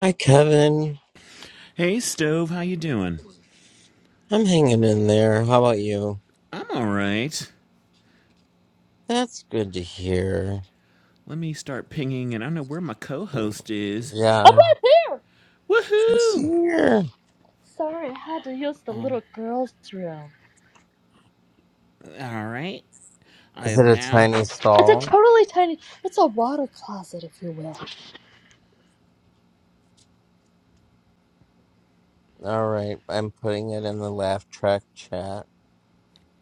Hi, Kevin. Hey, Stove, how you doing? I'm hanging in there. How about you? I'm all right. That's good to hear. Let me start pinging, and I don't know where my co-host is. I'm Yeah, right here. it's Woohoo! here. Sorry, I had to use Uh, the All little girl's room. right, I Is it have a now. tiny It's a stall? totally tiny. It's a water closet, if you will. All right, I'm putting it in the laugh track chat.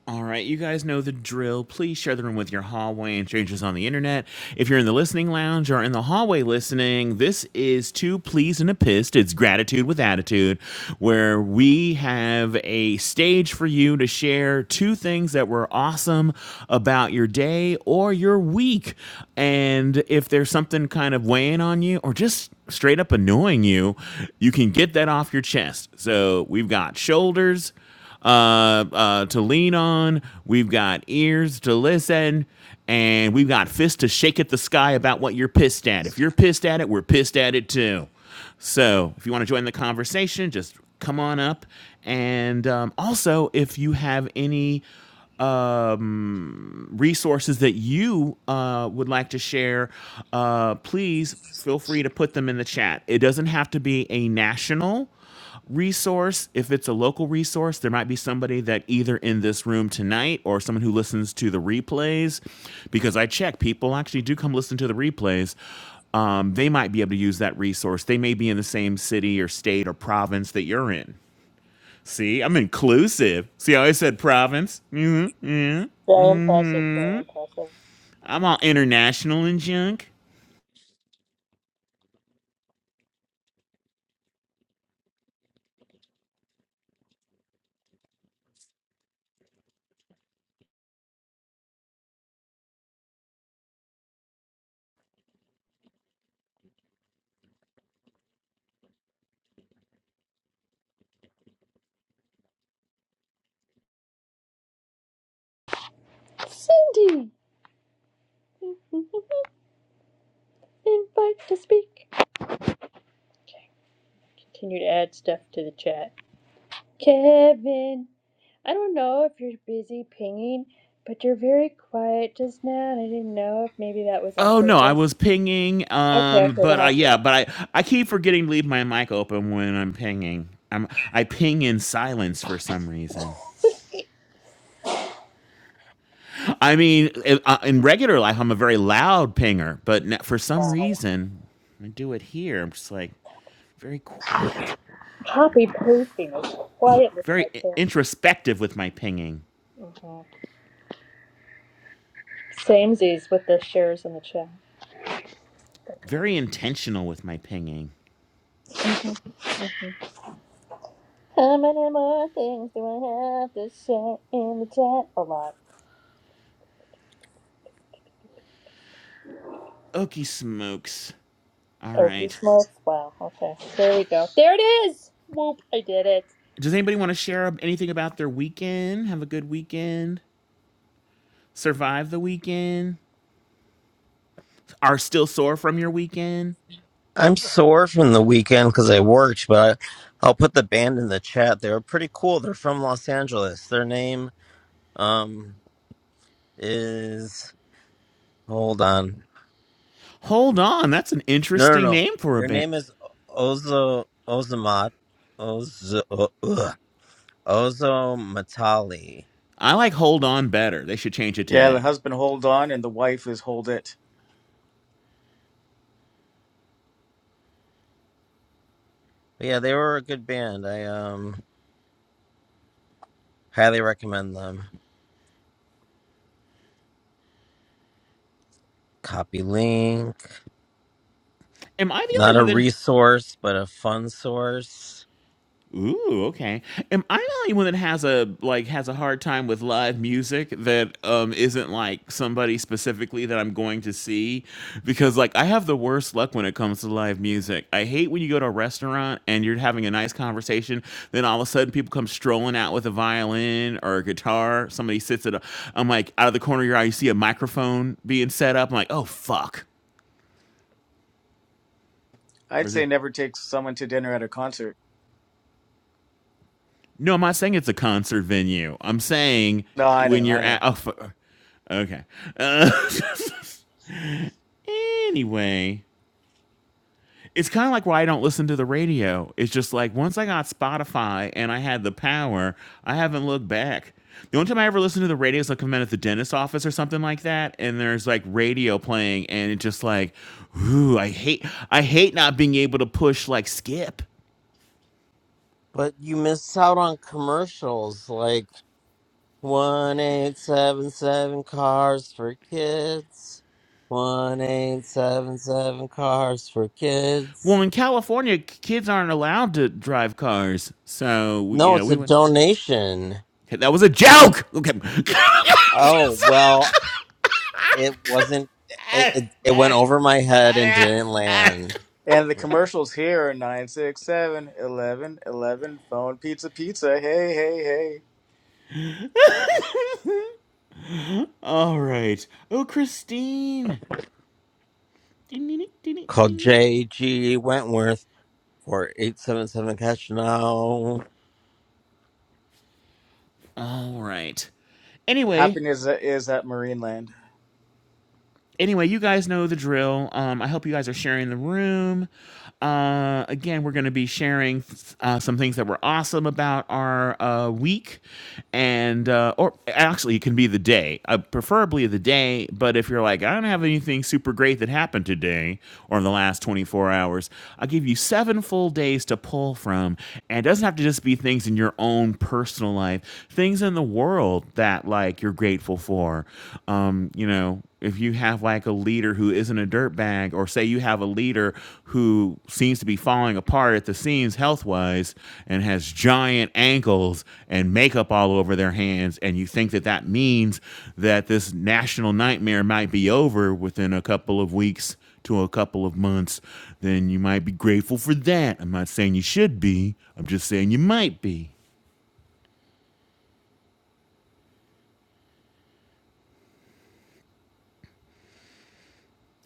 All right, you guys know the drill. Please share the room with your hallway and strangers on the internet. If you're in the listening lounge or in the hallway listening, this is Two Pleased and a Pissed. It's Gratitude with Attitude, where we have a stage for you to share two things that were awesome about your day or your week. And if there's something kind of weighing on you or just straight up annoying you, you can get that off your chest. So we've got shoulders uh, uh, to lean on. We've got ears to listen. And we've got fists to shake at the sky about what you're pissed at. If you're pissed at it, we're pissed at it too. So if you want to join the conversation, just come on up. And um, also, if you have any resources that you uh, would like to share, uh, please feel free to put them in the chat. It doesn't have to be a national resource. If it's a local resource, there might be somebody that either in this room tonight or someone who listens to the replays, because I check people actually do come listen to the replays. Um, they might be able to use that resource. They may be in the same city or state or province that you're in. See, I'm inclusive. See how I said province? mm hmm mm Very impressive. hmm Very impressive. I'm all international and junk. Cindy! Invite to speak. Okay. Continue to add stuff to the chat. Kevin, I don't know if you're busy pinging, but you're very quiet just now, and I didn't know if maybe that was on Oh no, I purpose. was pinging. Okay, Um, okay, then but I I'll shut yeah, up. but I I keep forgetting to leave my mic open when I'm pinging. I'm I ping in silence for some reason. I mean, in, uh, in regular life, I'm a very loud pinger, but n- for some Wow. reason, I do it here. I'm just like very quiet, Copy pasting is quiet very like i- introspective with my pinging, that. Samesies with the shares in the chat. very intentional with my pinging. How many more things do I have to share in the chat? A lot. Okey smokes. All Oh, he right. smokes? Wow, okay. There we go. There it is! Whoop, I did it. Does anybody want to share anything about their weekend? Have a good weekend. Survive the weekend. Are still sore from your weekend. I'm sore from the weekend because I worked, but I, I'll put the band in the chat. They were pretty cool. They're from Los Angeles. Their name um is hold on. Hold on. That's an No, no, interesting no. name for a Their band. name is Ozo Ozamat. Ozo. uh, Ugh. Ozo Matali. I like Hold On better. They should change it to Yeah, the that. husband hold on and the wife is hold it. But yeah, they were a good band. I um highly recommend them. Copy link. Am I the only Not a one that. resource, but a fun source. Ooh, okay. Am I the only one that has a like has a hard time with live music that um isn't like somebody specifically that I'm going to see? Because like I have the worst luck when it comes to live music. I hate when you go to a restaurant and you're having a nice conversation, then all of a sudden people come strolling out with a violin or a guitar. Somebody sits at a I'm like out of the corner of your eye, you see a microphone being set up. I'm like, oh fuck. Or I'd is say it? never take someone to dinner at a concert. No, I'm not saying it's a concert venue. I'm saying No, I when know, you're I at. know. Oh, fu- okay. Uh, anyway, it's kind of like why I don't listen to the radio. It's just like once I got Spotify and I had the power, I haven't looked back. The only time I ever listen to the radio is like I'm at the dentist's office or something like that, and there's like radio playing, and it's just like, ooh, I hate, I hate not being able to push like skip. But you miss out on commercials like one eight seven seven cars for kids. One eight seven seven cars for Well, kids. in California, k- kids aren't allowed to drive cars. So, we, No, yeah, it's we a went. donation. Okay, that was a joke! Okay. Oh well, It wasn't. It, it it went over my head and didn't land. And the commercials here are 967 11 11 phone, pizza, pizza. Hey, hey, hey. All right. Oh, Christine. Called J.G. Wentworth for eight seven seven cash now. All right. Anyway, Happiness is at Marineland. anyway, you guys know the drill. Um, I hope you guys are sharing the room. Uh, again, we're going to be sharing uh, some things that were awesome about our uh, week, and uh, or actually, it can be the day, uh, preferably the day. But if you're like, I don't have anything super great that happened today or in the last 24 hours, I'll give you seven full days to pull from, and it doesn't have to just be things in your own personal life, things in the world that like like you're grateful for. Um, you know, if you have like a leader who isn't a dirtbag, or say you have a leader who seems to be falling apart at the seams health wise and has giant ankles and makeup all over their hands, and you think that that means that this national nightmare might be over within a couple of weeks to a couple of months, then you might be grateful for that. I'm not saying you should be, I'm just saying you might be.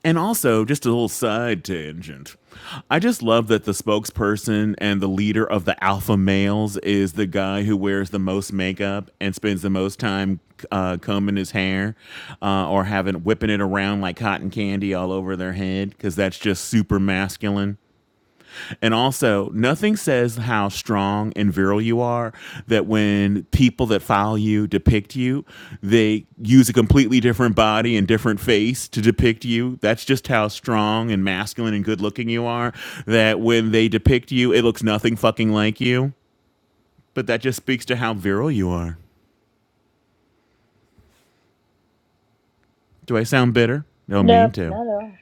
And also, just a little side tangent. I just love that the spokesperson and the leader of the alpha males is the guy who wears the most makeup and spends the most time uh, combing his hair uh, or having whipping it around like cotton candy all over their head because that's just super masculine. And also, nothing says how strong and virile you are that when people that follow you depict you, they use a completely different body and different face to depict you. That's just how strong and masculine and good looking you are. That when they depict you, it looks nothing fucking like you. But that just speaks to how virile you are. Do I sound bitter? No, mean Nope, to. not at all.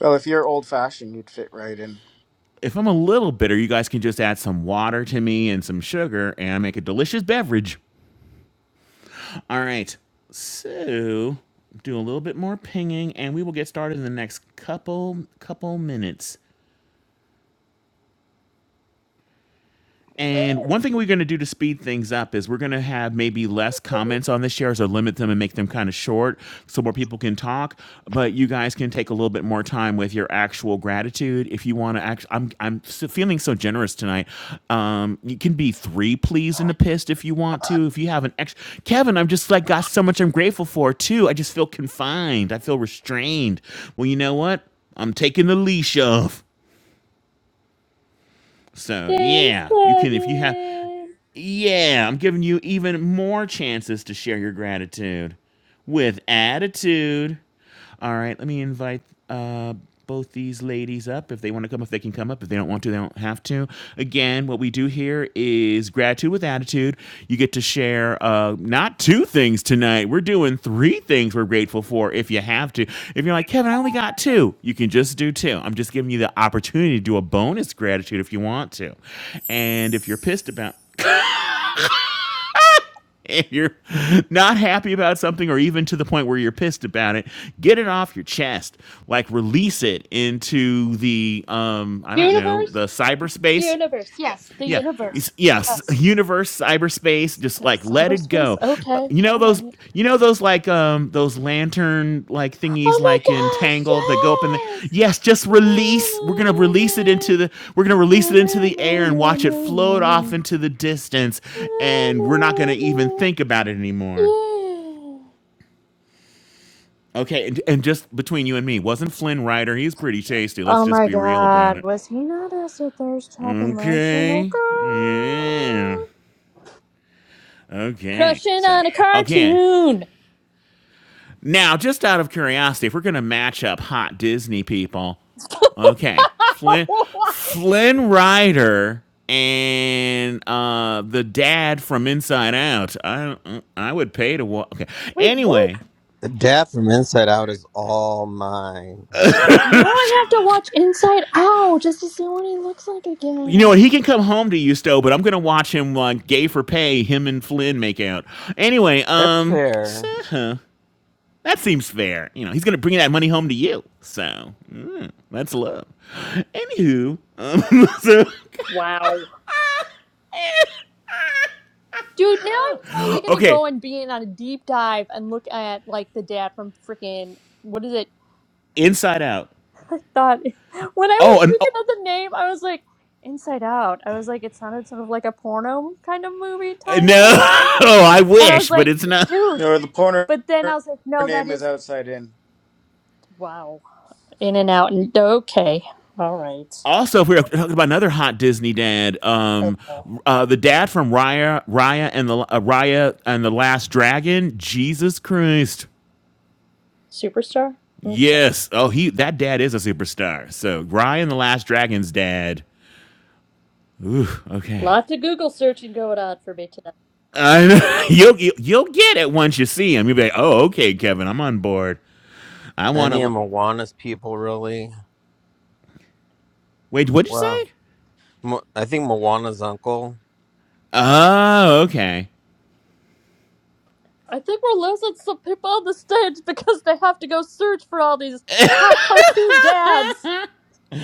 Well, if you're old fashioned, you'd fit right in. If I'm a little bitter, you guys can just add some water to me and some sugar and I make a delicious beverage. All right. So do a little bit more pinging, and we will get started in the next couple couple minutes. And one thing we're going to do to speed things up is we're going to have maybe less comments on the shares or limit them and make them kind of short so more people can talk. But you guys can take a little bit more time with your actual gratitude if you want to. Act- I'm I'm s- feeling so generous tonight. Um, you can be three pleased and a pissed if you want to. If you have an extra, Kevin, I'm just like got so much I'm grateful for too. I just feel confined. I feel restrained. Well, you know what? I'm taking the leash off. So Thanks, yeah, you can if you have Kevin! yeah, I'm giving you even more chances to share your gratitude with attitude. All right, let me invite uh, both these ladies up if they want to come, if they can come up. If they don't want to, they don't have to. Again, what we do here is gratitude with attitude. You get to share uh, not two things tonight. We're doing three things we're grateful for if you have to. If you're like, Kevin, I only got two, you can just do two. I'm just giving you the opportunity to do a bonus gratitude if you want to. And if you're pissed about, and you're not happy about something or even to the point where you're pissed about it get it off your chest like release it into the um i don't know Universe? the cyberspace Universe, yes, the yeah. universe. It's- Yes. Yes. Universe, cyberspace, just like That's let it Cyberspace? go. Okay, You know those alright. you know those like um those lantern like thingies like in Tangled that go up in the Oh my gosh, yes! Yes, just release. We're gonna Na, release it into na, the we're gonna na, release na, it into the air na, and na, watch it na, na. float off na. into the distance Yeah. and we're not gonna even think about it anymore. Okay, and, and just between you and me, wasn't Flynn Rider? He's pretty tasty. Let's Oh just my be real about god, it. was he not as a thirst trap emotional Okay. Yeah. girl? Okay. Crushing So on a again, cartoon! Now, just out of curiosity, if we're going to match up hot Disney people, okay, Flynn Flynn Rider and uh, the dad from Inside Out. I I would pay to watch. Okay, Wait, what? anyway, The dad from Inside Out is all mine. Now I have to watch Inside Out just to see what he looks like again. you know what? He can come home to you, Stowe, but I'm going to watch him like uh, gay for pay. Him and Flynn make out. Anyway, That's um, fair. so that seems fair. You know, he's going to bring that money home to you. So mm, that's love. Anywho, um, so Wow. Dude, now I'm totally gonna okay, go and be in on a deep dive and look at like the dad from freaking what is it? Inside Out. I thought when I Oh, was and thinking oh, of the name, I was like, Inside Out. I was like, it sounded sort of like a porno kind of movie title, no, and I was like, I and I wish, was but like, it's not. dude. No, the porner But then I was like, no, that name is is Outside In. wow. In and out, and okay, all right. Also, if we were talking about another hot Disney dad, Oh um, no, uh, the dad from Raya, Raya and the uh, Raya and the Last Dragon, Jesus Christ, superstar. Okay, yes. Oh, he that dad is a superstar. So Raya and the Last Dragon's dad. Ooh, okay. lots of Google searching going on for me today. I know. You'll, you'll you'll get it once you see him. You'll be like, oh, okay, Kevin, I'm on board. I want Any of to. Moana's people, really? Wait, what'd you Well, say? Mo- I think Moana's uncle. Oh, okay. I think we're losing some people on the stage because they have to go search for all these hot cartoon dads.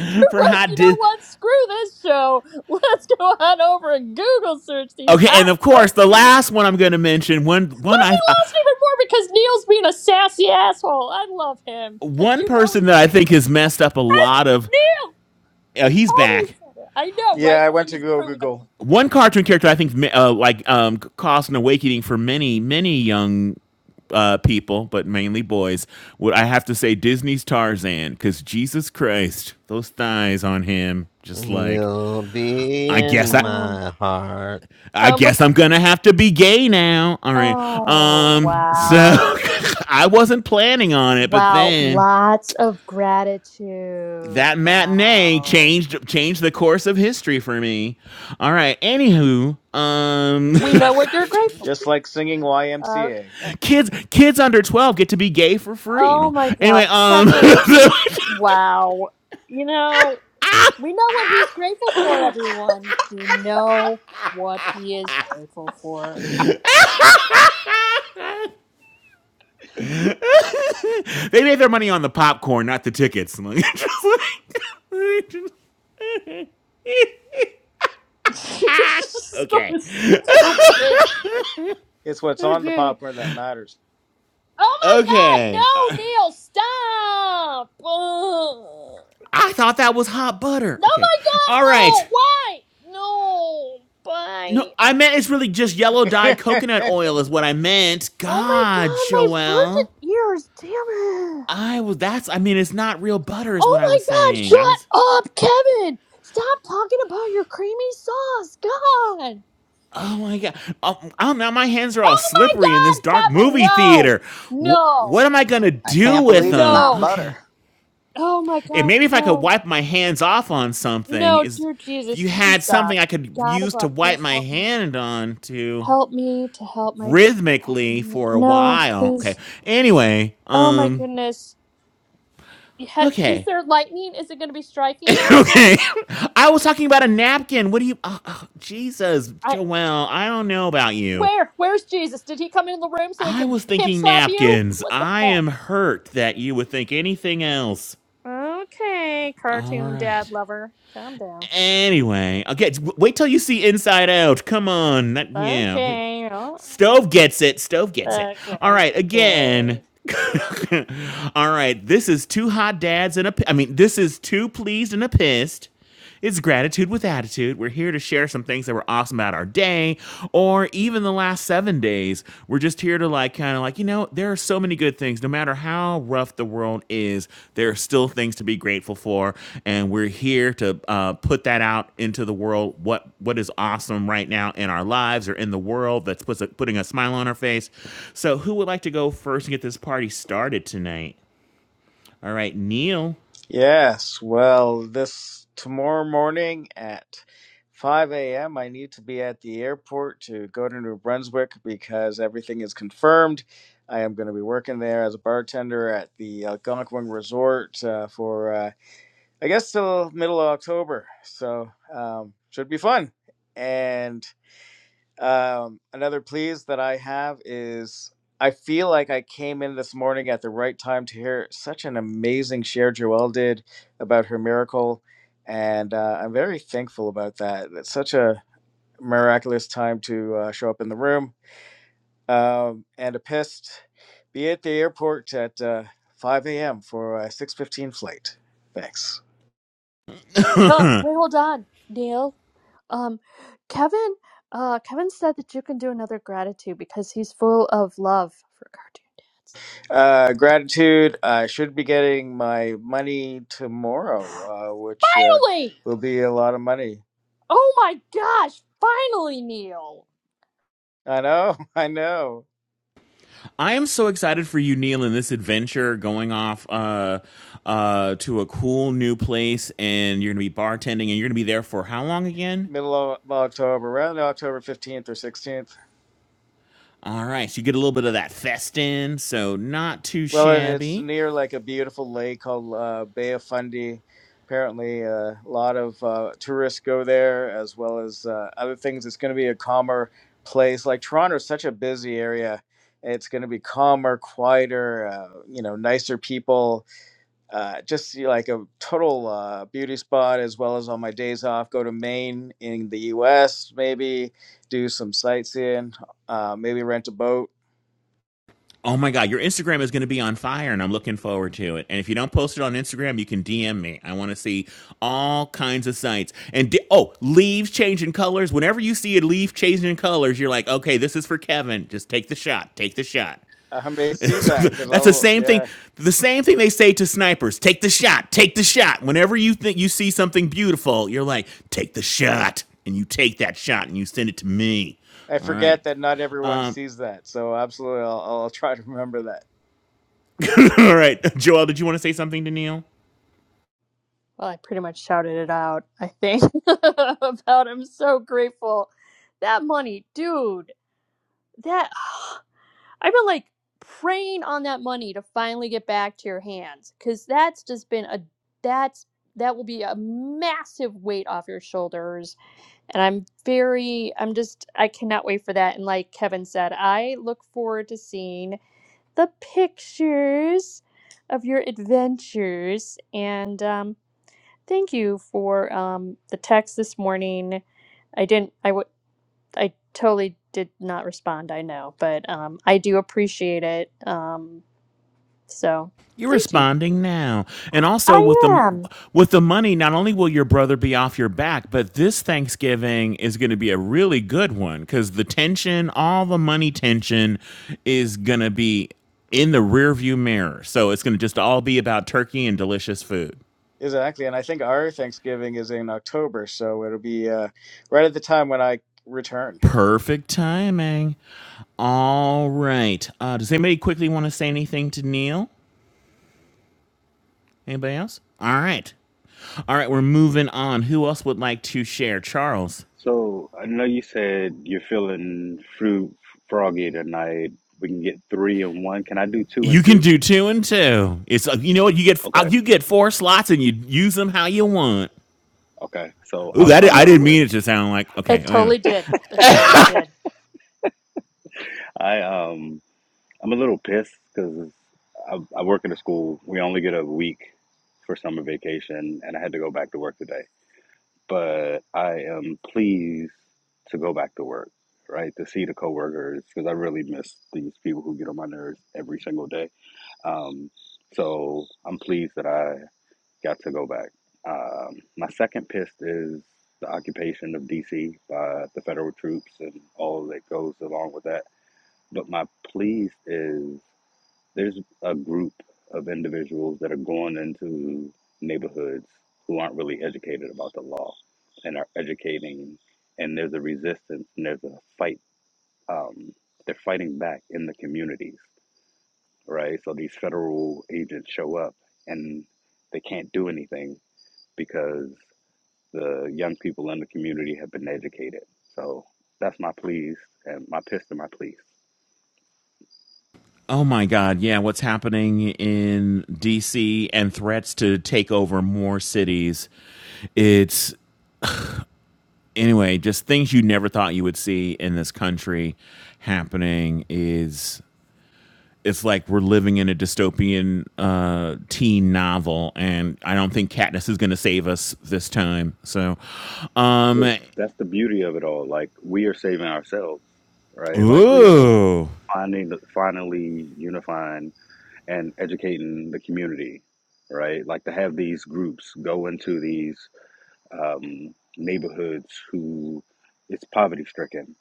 For You're like, hot you know Dis- what? Screw this show. Let's go on over and Google search these Okay, and hot of course, the cartoons. last one I'm going to mention one one Let I me uh, lost even more because Neil's being a sassy asshole. I love him because one you know person he's that I gonna come think back. has messed up a lot of. Hey, Neil, Uh, I he's totally back. said it. I know, Yeah, right? I Because he went to was go proving a Google. point. One cartoon character I think uh, like um, caused an awakening for many many young uh, people, but mainly boys. Would I have to say Disney's Tarzan? Because Jesus Christ, those thighs on him, just And like you'll be I in guess I Um. my heart. I Um. guess I'm gonna have to be gay now. All right. Oh Um, so wow. I wasn't planning on it, but Wow. then Lots of gratitude. that matinee Wow. changed changed the course of history for me. All right. Anywho, um, We know what you're grateful Just like singing for. YMCA. Uh, kids kids under twelve get to be gay for free. Oh No. my Anyway, God, um, Kevin, just wow. You know, we know what he's grateful for, I everyone. We know what he is grateful for. they made their money on the popcorn, not the tickets. You're just so okay. stupid. It's what's on the Okay. popcorn that matters. Oh my God, Okay. no, Neil, stop. Ugh. I thought that was hot butter. No, Okay. my God, All right. no, why? No, No, bye. I meant it's really just yellow dyed coconut oil is what I meant. Oh my God, God, my Joelle. virgin ears, damn it. I was that's I mean it's not real butter is what Oh I was my god, saying. shut I was up, Kevin! Stop talking about your creamy sauce, God! Oh my god. Oh, oh now my hands are all Oh my slippery in this dark god, Kevin, movie no! theater. Wh- No! what am I going to do can't with believe it's them? not No! Okay. butter. Oh my It, god, maybe if I could no. wipe my hands off on something No, is dear if you Jesus, please had something stop. I could God use to above, wipe please my help me. hand on to Help me to help my. Help rhythmically me. for a No, while. Okay. please. Anyway, Oh my um goodness. Yeah, Is okay. there lightning? Is it going to be striking us okay. soon? I was talking about a napkin. What do you? Oh, oh, Jesus, I. Joelle, I don't know about you. Where? Where's Jesus? Did he come in the room so he I can was pimp thinking slap you? napkins. What the I heck? am hurt that you would think anything else. Okay, All cartoon dad right. lover, calm down. Anyway, okay. Wait till you see Inside Out. Come on. That yeah. We, Okay, oh, Stove gets it. Stove gets it. All okay, right. Again. okay. All right. This is two hot dads and a. P- I mean, this is two pleased and a pissed. It's gratitude with attitude. We're here to share some things that were awesome about our day or even the last seven days. We're just here to like kind of like, you know, there are so many good things, no matter how how rough the world is, there are still things to be grateful for, and we're here to uh, put that out into the world. What what is awesome right now in our lives or in the world that's puts a, putting a smile on our face. So, who would like to go first and get this party started tonight? All right, Neil. Yes, well, this tomorrow morning at 5 a.m., I need to be at the airport to go to New Brunswick because everything is confirmed. I am going to be working there as a bartender at the Algonquin Resort uh, for, uh, I guess, till middle of October. So, um, should be fun. And um, another please that I have is I feel like I came in this morning at the right time to hear such an amazing share Joelle did about her miracle. And uh, I'm very thankful about that. It's such a miraculous time to uh, show up in the room. Um, and a pissed, be at the airport at uh, 5 a.m. for a 6.15 flight. Thanks. Oh, wait, hold on, Neil. Um, Kevin, uh, Kevin said that you can do another gratitude because he's full of love for cartoon. Uh, gratitude. I should be getting my money tomorrow, uh, which uh, Finally! will be a lot of money. Oh my gosh! Finally, Neil. I know, I know. I am so excited for you, Neil, in this adventure going off uh, uh, to a cool new place, and you're going to be bartending, and you're going to be there for how long again? Middle of of October, around October 15th or 16th. All right, so you get a little bit of that festin, so not too Well, and it's shabby. near like a beautiful lake called uh, Bay of Fundy. Apparently, uh, a lot of uh, tourists go there as well as uh, other things. It's going to be a calmer place. Like Toronto is such a busy area. It's going to be calmer, quieter, uh, you know, nicer people uh, just you know, like a total uh, beauty spot as well as on my days off go to maine in the us maybe do some sightseeing uh, maybe rent a boat Oh my God, your Instagram is going to be on fire, and I'm looking forward to it. And if you don't post it on Instagram, you can DM me. I want to see all kinds of sights. And di- oh, leaves changing colors. Whenever you see a leaf changing colors, you're like, okay, this is for Kevin. Just take the shot. Take the shot. i may see that because That's the i'll same thing. yeah The same thing they say to snipers: take the shot, take the shot. Whenever you think you see something beautiful, you're like, take the shot, and you take that shot and you send it to me. i All right, forget that not everyone sees that so absolutely i'll, I'll try to remember that all right. Joel, did you want to say something to Neil? Well, I pretty much shouted it out. I think about. I'm so grateful. That money, dude. That. I've been like praying on that money to finally get back to your hands because that's just been a that's that will be a massive weight off your shoulders and i'm very i'm just i cannot wait for that and like kevin said i look forward to seeing the pictures of your adventures and um thank you for um the text this morning i didn't I I totally did not respond, I know, but um, I do appreciate it. Um, so You're thank you. responding now. And also with I the am. with the money, not only will your brother be off your back, but this Thanksgiving is going to be a really good one cuz the tension, all the money tension is going to be in the rearview mirror. So it's going to just all be about turkey and delicious food. exactly and i think our thanksgiving is in october so it'll be uh, right at the time when i return Perfect timing. All right. Uh, does anybody quickly want to say anything to Neil? Anybody else? All right. All right, we're moving on. Who else would like to share? Charles. So I know you said you're feeling fruit froggy tonight. We can get three and one. Can I do two You and can two? do two and two. It's uh, you know what you get. uh, Okay, You get four slots and you use them how you want. okay. So Ooh, I'll that start I out hmm didn't with mean it to sound like okay. It Anyway, totally did. It totally did. I um I'm a little pissed because I, I work at a school. We only get a week for summer vacation, and I had to go back to work today. But I am pleased to go back to work, right? To see the coworkers because I really miss these people who get on my nerves every single day. Um, so I'm pleased that I Got to go back. Um, my second piss is the occupation of D.C. by the federal troops and all that goes along with that. But my pleased is there's a group of individuals that are going into neighborhoods who aren't really educated about the law and are educating, and there's a resistance and there's a fight. Um, they're fighting back in the communities, right? So these federal agents show up and they can't do anything because the young people in the community have been educated. So that's my pleas and my piss to my pleas. oh my God, yeah. What's happening in D.C. and threats to take over more cities? It's anyway, just things you never thought you would see in this country happening is it's like we're living in a dystopian uh, teen novel, and I don't think Katniss is going to save us this time. So, Well, um, that's the beauty of it all. Like we are saving ourselves, right? Like we are ooh, finding, finally unifying and educating the community, right? Like to have these groups go into these um, neighborhoods who it's poverty stricken,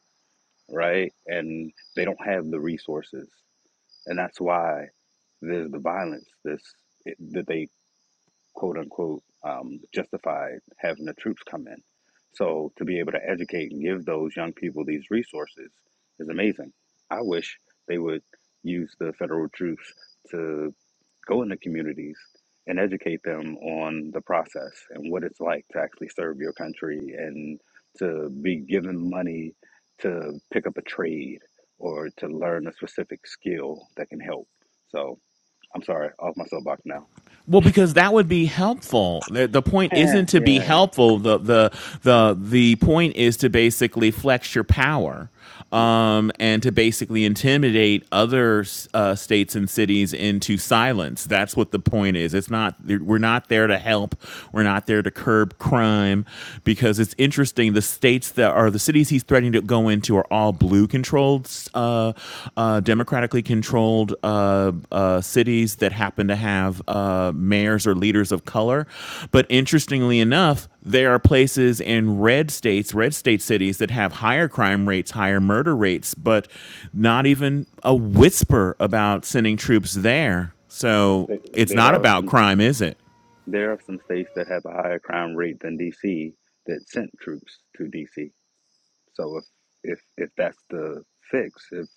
right? And they don't have the resources, and that's why there's the violence. This it, that they quote unquote um, justified having the troops come in. So to be able to educate and give those young people these resources is amazing. I wish they would use the federal troops to go into communities and educate them on the process and what it's like to actually serve your country and to be given money to pick up a trade or to learn a specific skill that can help. So I'm sorry, off my soapbox now. Well, because that would be helpful. The, the point yeah, isn't to yeah. be yeah. helpful. The, the the the point is to basically flex your power Yep, um, and to basically intimidate other uh, states and cities into silence. That's what the point is. It's not we're not there to help. We're not there to curb crime because it's interesting. The states that are the cities he's threatening to go into were all blue controlled, uh, uh, yep. democratically controlled uh, uh, cities that happen to have uh, mayors or leaders of color. But interestingly enough, there are places in red states, red state cities that have higher crime rates, higher murder rates, but not even a whisper about sending troops there. Uh, So There, it's there not are about some crime, is it? there are some states that have a higher crime rate than DC that sent troops to DC. So if if if that's the fix, if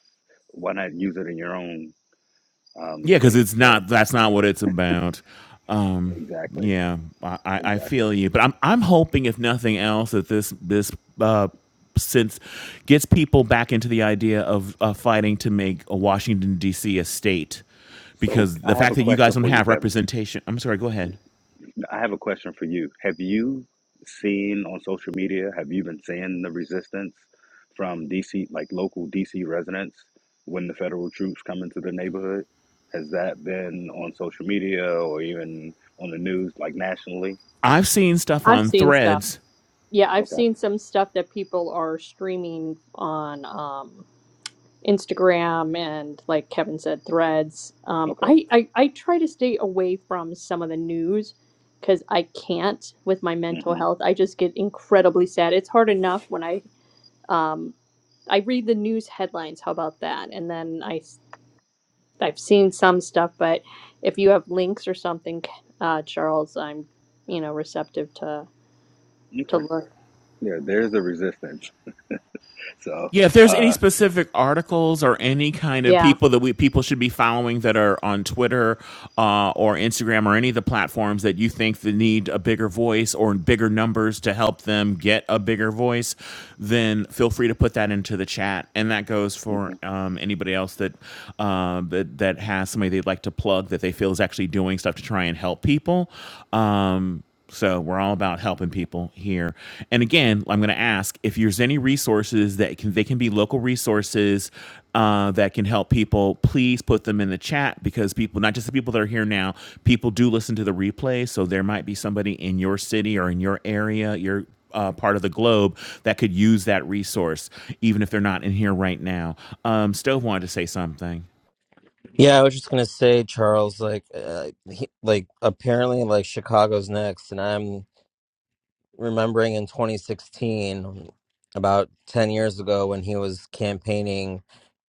why not use it in your own um, Yeah, because state? it's So not. That's not what it's about. Um, exactly, yeah, I, I I exactly. feel you, but I'm I'm hoping, if nothing else, that this this uh, since gets people back into the idea of uh, fighting to make a Washington D.C. a state, So because the I have fact a that you guys question don't for you, have Kevin. representation. I'm sorry. Go ahead. I have a question for you. Have you seen on social media, have you been seeing the resistance from DC, like local DC residents, when the federal troops come into the neighborhood? Has that been on social media or even on the news, like nationally? I've seen stuff I've on seen stuff. Threads Yeah, I've Okay, seen some stuff that people are streaming on um, Instagram and, like Kevin said, threads. Um, okay, I, I, I try to stay away from some of the news because I can't with my mental hmm health. I just get incredibly sad. It's hard enough when I Um, I read the news headlines. How about that? And then I, i s- I've seen some stuff, but if you have links or something, uh, Charles, I'm you know receptive to to okay. look. Yeah, there's a resistance. So, Yeah, if there's any uh, specific articles or any kind of Yeah. people that we people should be following that are on Twitter uh, or Instagram or any of the platforms that you think that need a bigger voice or bigger numbers to help them get a bigger voice, then feel free to put that into the chat. And that goes for um, anybody else that, uh, that that has somebody they'd like to plug that they feel is actually doing stuff to try and help people. Um, so we're all about helping people here. And again, I'm going to ask if there's any resources that can they can be local resources uh, that can help people. Please put them in the chat because people, not just the people that are here now, people do listen to the replay. So there might be somebody in your city or in your area, your uh, part of the globe that could use that resource, even if they're not in here right now. Um, Stove wanted to say something. Yeah, I was just gonna say, Charles. Like, uh, he, like apparently, like Chicago's next, and I'm remembering in 2016, about 10 years ago, when he was campaigning,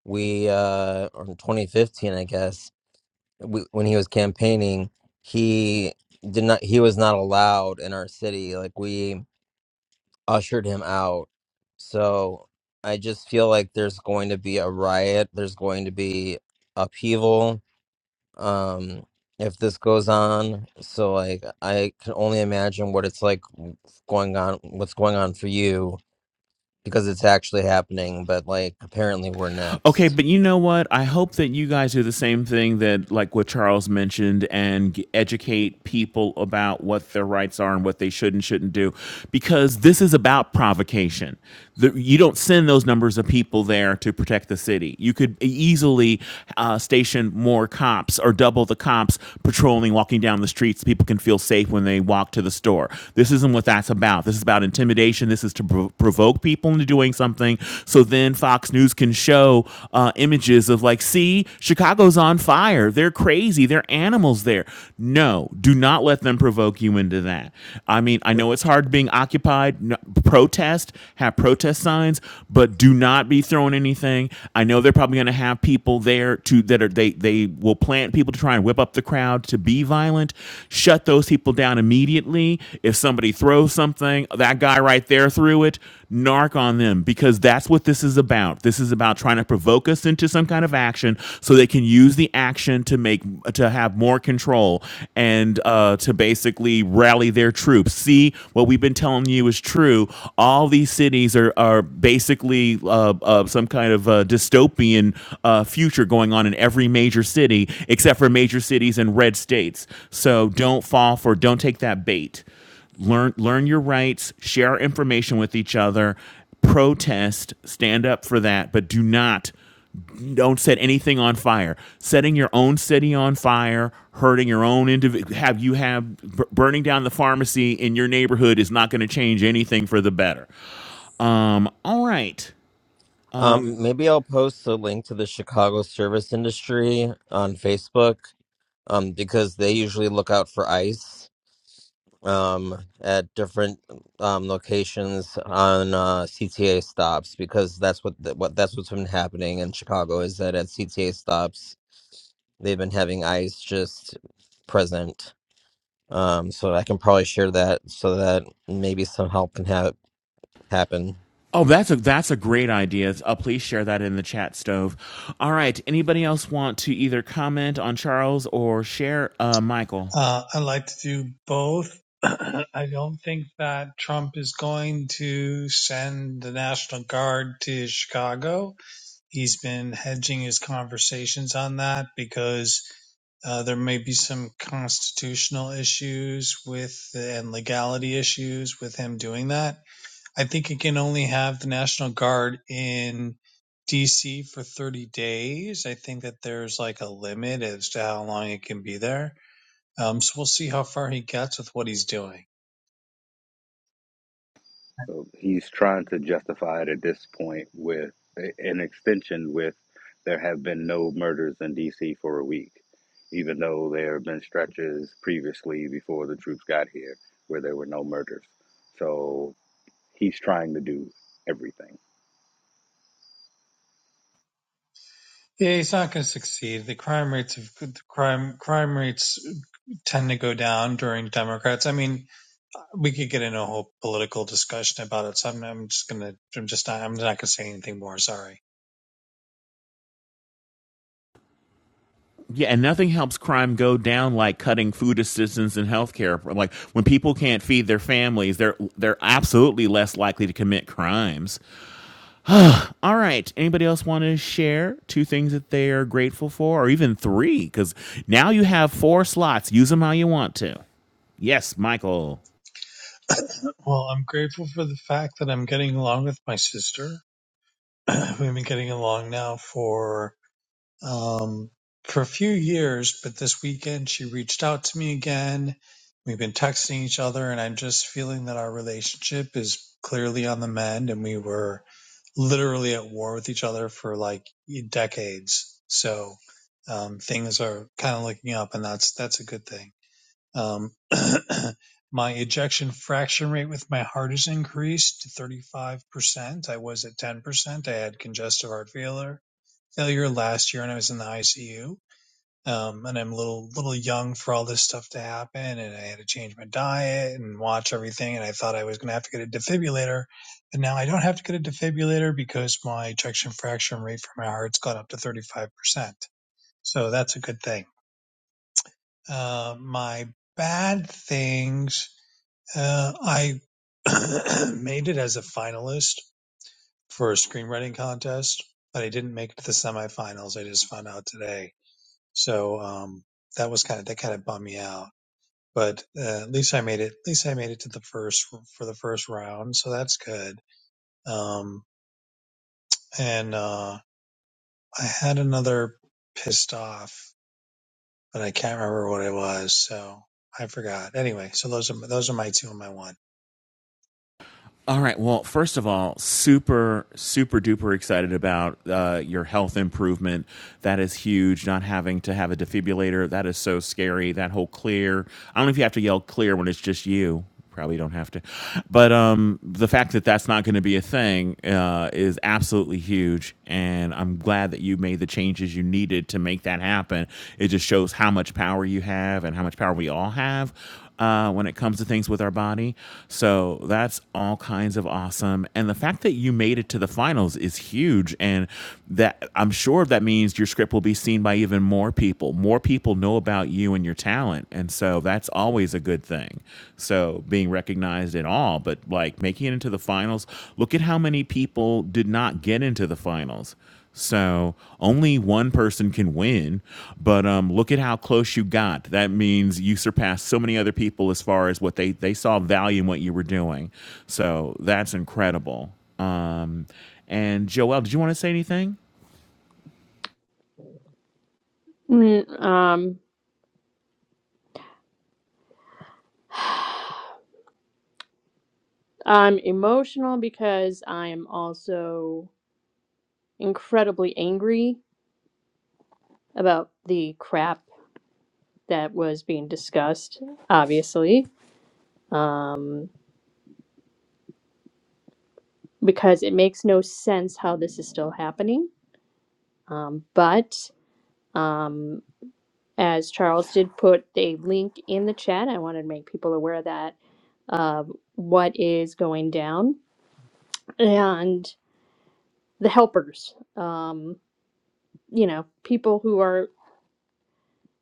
we, uh, or in 2015, I guess, we, when he was campaigning, he did not, he was not allowed in our city. Like we ushered him out. So I just feel like there's going to be a riot, there's going to be upheaval. Um, if this goes on, so like I can only imagine what it's like going on, what's going on for you because it's actually happening, but like apparently we're Okay, next. but you know what? I hope that you guys do the same thing that, like what Charles mentioned, and g- educate people about what their rights are and what they should and shouldn't do, because this is about provocation. The, you don't send those numbers of people there to protect the city. You could e, easily uh, station more cops or double the cops patrolling, walking down the streets. People can feel safe when they walk to the store. This isn't what that's about. This is about intimidation intimidation. This is to prov- provoke people into doing something. So then Fox News can show uh, images of like, see, Chicago's on fire. They're crazy. They're animals there. No, do not let them provoke you into that. I mean, I Which know it's hard being occupied. No, protest, have protest signs, but do not be throwing anything. I know they're probably going to have people there to that are they they will plant people to try and whip up the crowd to be violent violent, shut those people down immediately. If somebody throws something, that guy right there threw it, narc on them because that's what this is about. This is about trying to provoke us into some kind of action so they can use the action to make to have more control and uh, to basically rally their troops. See what we've been telling you is true. All these cities are are basically uh, uh, some kind of uh, dystopian uh, future going on in every major city except for major cities and red states. So don't fall for, don't take that bait. Learn, learn your rights, share information with each other, protest, stand up for that, but do not don't set anything on fire. Setting your own city on fire, hurting your own individual, have you have b- burning down the pharmacy in your neighborhood is not going to change anything for the better. Um, all right. Um, um maybe I'll post a link to the Chicago service industry on Facebook um because they usually look out for ice um at different um locations on uh CTA stops because that's what the, what that's what's been happening in Chicago is that at CTA stops they've been having ice just present um so I can probably share that so that maybe some help can have happen. Oh, that's a that's a great idea. Uh, please share that in the chat stove. All right. Anybody else want to either comment on Charles or share uh, Michael? Uh, I like to do both. I don't think that Trump is going to send the National Guard to Chicago. He's been hedging his conversations on that because uh, there may be some constitutional issues with and legality issues with him doing that. I think he can only have the National Guard in DC for 30 days. I think that there's like a limit as to how long it can be there um, so we'll see how far he gets with what he's doing. So he's trying to justify it at this point with an extension with there have been no murders in DC for a week, even though there have been stretches previously before the troops got here where there were no murders. So he's trying to do everything. Yeah, he's not going to succeed. The crime rates of the crime crime rates tend to go down during Democrats. I mean, we could get into a whole political discussion about it. So I'm, I'm just going to I'm just not, I'm not going to say anything more. Sorry. Yeah, and nothing helps crime go down like cutting food assistance and healthcare. Like when people can't feed their families, they're they're absolutely less likely to commit crimes. All right. Anybody else want to share two things that they are grateful for, or even three? Because now you have four slots. Use them how you want to. Yes, Michael. Well, I'm grateful for the fact that I'm getting along with my sister. We've been getting along now for um, for a few years, but this weekend she reached out to me again. We've been texting each other, and I'm just feeling that our relationship is clearly on the mend, and we were literally at war with each other for like decades. So um, things are kind of looking up, and that's that's a good thing. Um, my ejection fraction rate with my heart has increased to 35%. I was at 10%. I had congestive heart failure failure last year and I was in the ICU. Um, and I'm a little, little young for all this stuff to happen. And I had to change my diet and watch everything. And I thought I was going to have to get a defibrillator. But now I don't have to get a defibrillator because my ejection fraction rate for my heart's gone up to 35%. So that's a good thing. Uh, my bad things, uh, I made it as a finalist for a screenwriting contest, but I didn't make it to the semifinals. I just found out today So um, that was kind of that kind of bummed me out. But uh, at least I made it. At least I made it to the first for the first round, so that's good. Um, and uh, I had another pissed off, but I can't remember what it was, so I forgot. Anyway, so those are those are my two and my one. All right. Well, first of all, super, super duper excited about uh, your health improvement. That is huge. Not having to have a defibrillator. That is so scary. That whole clear. I don't know if you have to yell clear when it's just you. Probably don't have to. But um, the fact that that's not going to be a thing uh, is absolutely huge. And I'm glad that you made the changes you needed to make that happen. It just shows how much power you have and how much power we all have uh, when it comes to things with our body. So that's all kinds of awesome. And the fact that you made it to the finals is huge. And that I'm sure that means your script will be seen by even more people. More people know about you and your talent. And so that's always a good thing. So being recognized at all, but like making it into the finals, look at how many people did not get into the finals. So only one person can win, but um, look at how close you got. That means you surpassed so many other people as far as what they they saw value in what you were doing. So that's incredible. Um, and Joel, did you want to say anything? Mm, um, I'm emotional because I'm also incredibly angry about the crap that was being discussed. Obviously, um, because it makes no sense how this is still happening. Um, but Um, as Charles did put a link in the chat, I wanted to make people aware of that um, what is going down and the helpers, um, you know, people who are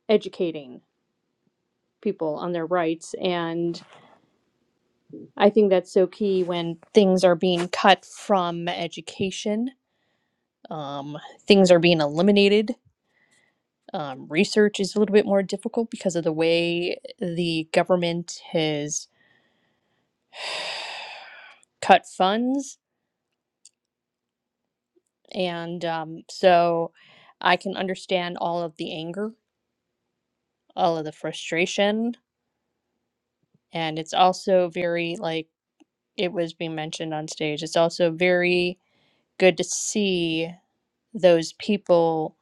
educating people on their rights. And I think that's so key when things are being cut from education, um, things are being eliminated. Um, research is a little bit more difficult because of the way the government has cut funds And um, so I can understand all of the anger, all of the frustration. And it's also very, like it was being mentioned on stage, it's also very good to see those people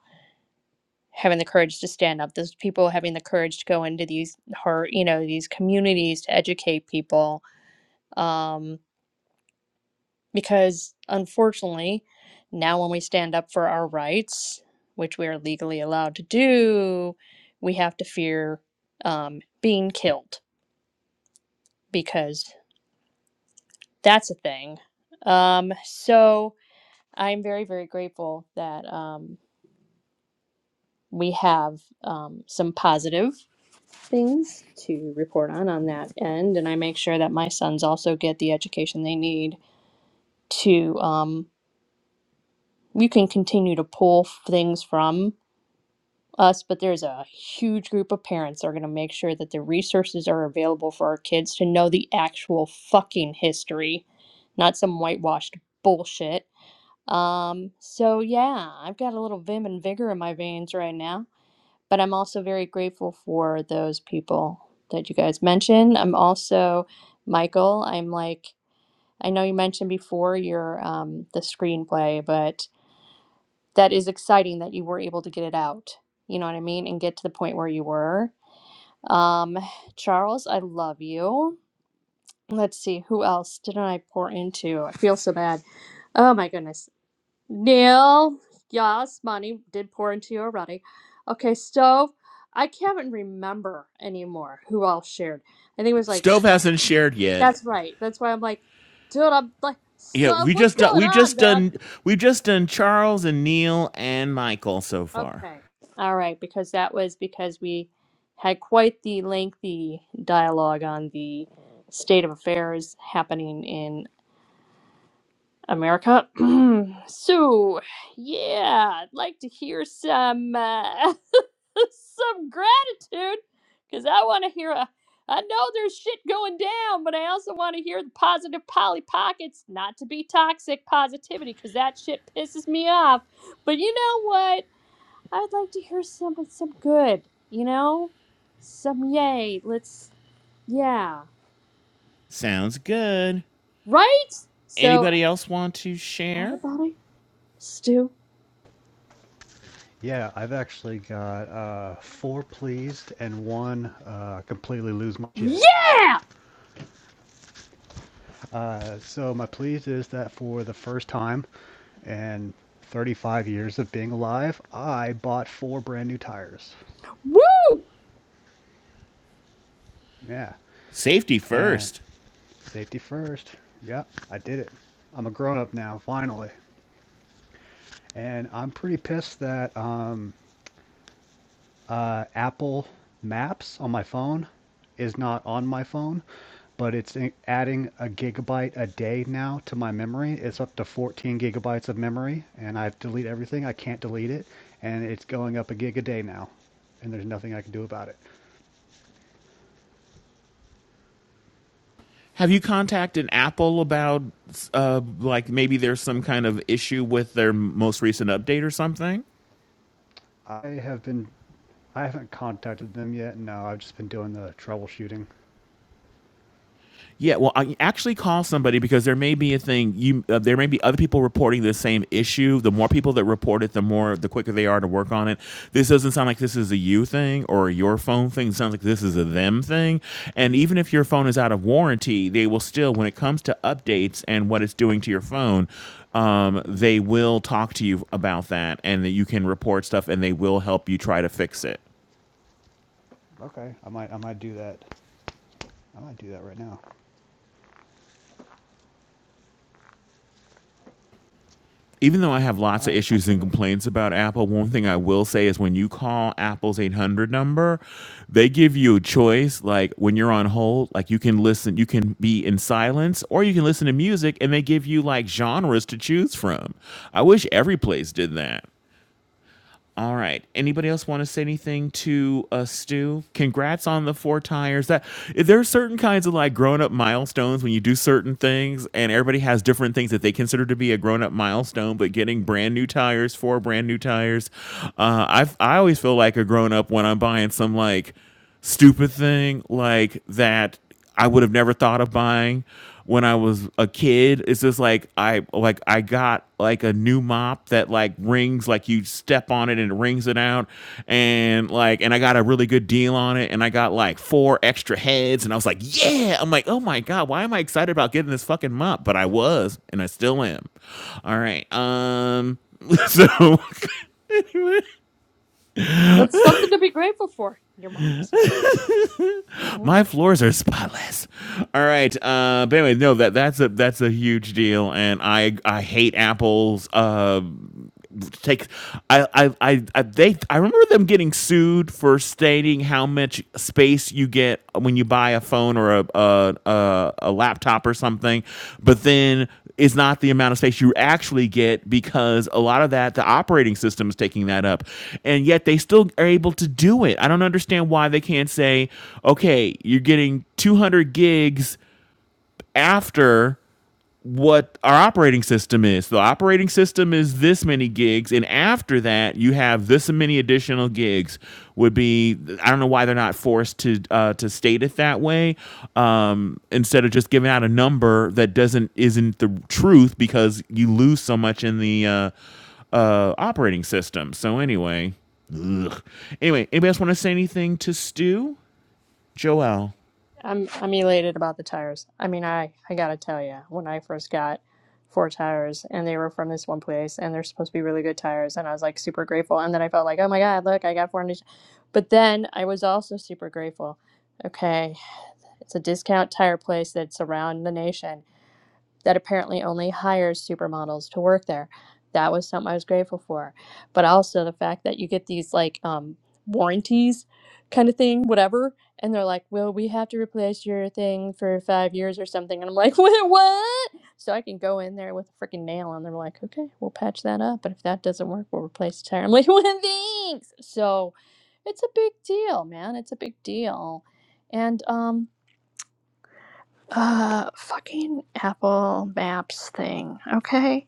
having the courage to stand up, those people having the courage to go into these hard, you know, these communities to educate people. Um, because unfortunately, now when we stand up for our rights, which we are legally allowed to do, we have to fear um, being killed because that's a thing. Um, so I'm very, very grateful that um, we have um, some positive things to report on on that end, and I make sure that my sons also get the education they need to. Um, you can continue to pull things from us, but there's a huge group of parents that are going to make sure that the resources are available for our kids to know the actual fucking history, not some whitewashed bullshit. Um, so yeah, I've got a little vim and vigor in my veins right now, but I'm also very grateful for those people that you guys mentioned. I'm also, Michael, I'm like, I know you mentioned before your um, the screenplay, but that is exciting that you were able to get it out. You know what I mean? And get to the point where you were. Um, Charles, I love you. Let's see, who else didn't I pour into? I feel so bad. Oh my goodness. Neil, yes, money did pour into you already. Okay, stove. I can't even remember anymore who all shared. I think it was like, Stove hasn't shared yet. that's right. That's why I'm like, dude, I'm like, Yeah, stove, we what's just done, going we on, just done man? we just done Charles and Neil and Michael so far. Okay. All right, because that was because we had quite the lengthy dialogue on the state of affairs happening in America. so, yeah, I'd like to hear some uh, some gratitude because I want to hear a. I know there's shit going down, but I also want to hear the positive Polly Pockets, not to be toxic positivity, because that shit pisses me off. But you know what? I'd like to hear something, some good, you know, some yay. Let's yeah, Sounds good. right. So Anybody else want to share? everybody, Stu, Yeah, I've actually got uh, four pleased and one uh, completely lose my shit. yeah, Uh, so my pleased is that for the first time in 35 years of being alive, I bought four brand new tires. woo! Yeah, Safety and first. safety first. Yeah, I did it. I'm a grown up now, finally, and I'm pretty pissed that um, uh, Apple Maps on my phone is not on my phone, but it's adding a gigabyte a day now to my memory. It's up to 14 gigabytes of memory, and I've deleted everything. I can't delete it, and it's going up a gig a day now, and there's nothing I can do about it. Have you contacted Apple about uh, like maybe there's some kind of issue with their most recent update or something? I have been, I haven't contacted them yet. No, I've just been doing the troubleshooting. Yeah, well, I actually call somebody because there may be a thing you uh, there may be other people reporting the same issue. The more people that report it, the more the quicker they are to work on it. This doesn't sound like this is a you thing or a your phone thing. It sounds like this is a them thing. And even if your phone is out of warranty, they will still when it comes to updates and what it's doing to your phone, um, hmm they will talk to you about that and that you can report stuff and they will help you try to fix it. Okay, I might, I might do that. I might do that right now. even though I have lots All of right, I'll issues try and that complaints about Apple, one thing I will say is when you call Apple's 800 number, they give you a choice. Like when you're on hold, like you can listen, you can be in silence or you can listen to music and they give you like genres to choose from. I wish every place did that. All right. Anybody else want to say anything to uh, Stu? Congrats on the four tires. That there are certain kinds of like grown up milestones when you do certain things, and everybody has different things that they consider to be a grown up milestone. But getting brand new tires, four brand new tires, uh, I I always feel like a grown up when I'm buying some like stupid thing like that I would have never thought of buying when I was a kid. It's just like I like I got like a new mop that like rings like you step on it and it rings it out and like and I got a really good deal on it and I got like four extra heads and I was like, "Yeah." I'm like, "Oh my god, why am I excited about getting this fucking mop?" But I was and I still am. All right. Um so anyway, That's something to be grateful for. Your mops. hmm my floors are spotless. All right. Uh, but anyway, no that that's a that's a huge deal, and I I hate Apple's uh take I, I I I they I remember them getting sued for stating how much space you get when you buy a phone or a a, a, a laptop or something, but then it's not the amount of space you actually get because a lot of that the operating system is taking that up, and yet they still are able to do it. I don't understand why they can't say, okay, you're getting 200 gigs after what our operating system is. The operating system is this many gigs, and after that, you have this many additional gigs. Would be I don't know why they're not forced to uh, to state it that way um, instead of just giving out a number that doesn't isn't the truth because you lose so much in the uh, uh, operating system. So anyway, ugh. anyway, anybody else want to say anything to Stu Joel? I'm I'm elated about the tires. I mean, I I gotta tell you, when I first got four tires and they were from this one place and they're supposed to be really good tires and I was like super grateful and then I felt like oh my god look I got four new but then I was also super grateful. Okay, It's a discount tire place that's around the nation that apparently only hires supermodels to work there. That was something I was grateful for. But also the fact that you get these like um, warranties kind of thing, whatever. And they're like, well, we have to replace your thing for five years or something. And I'm like, what? what? So I can go in there with a freaking nail and they're like, okay, we'll patch that up. But if that doesn't work, we'll replace the tire. I'm like, well, thanks. So it's a big deal, man. It's a big deal. And um, uh fucking apple maps thing okay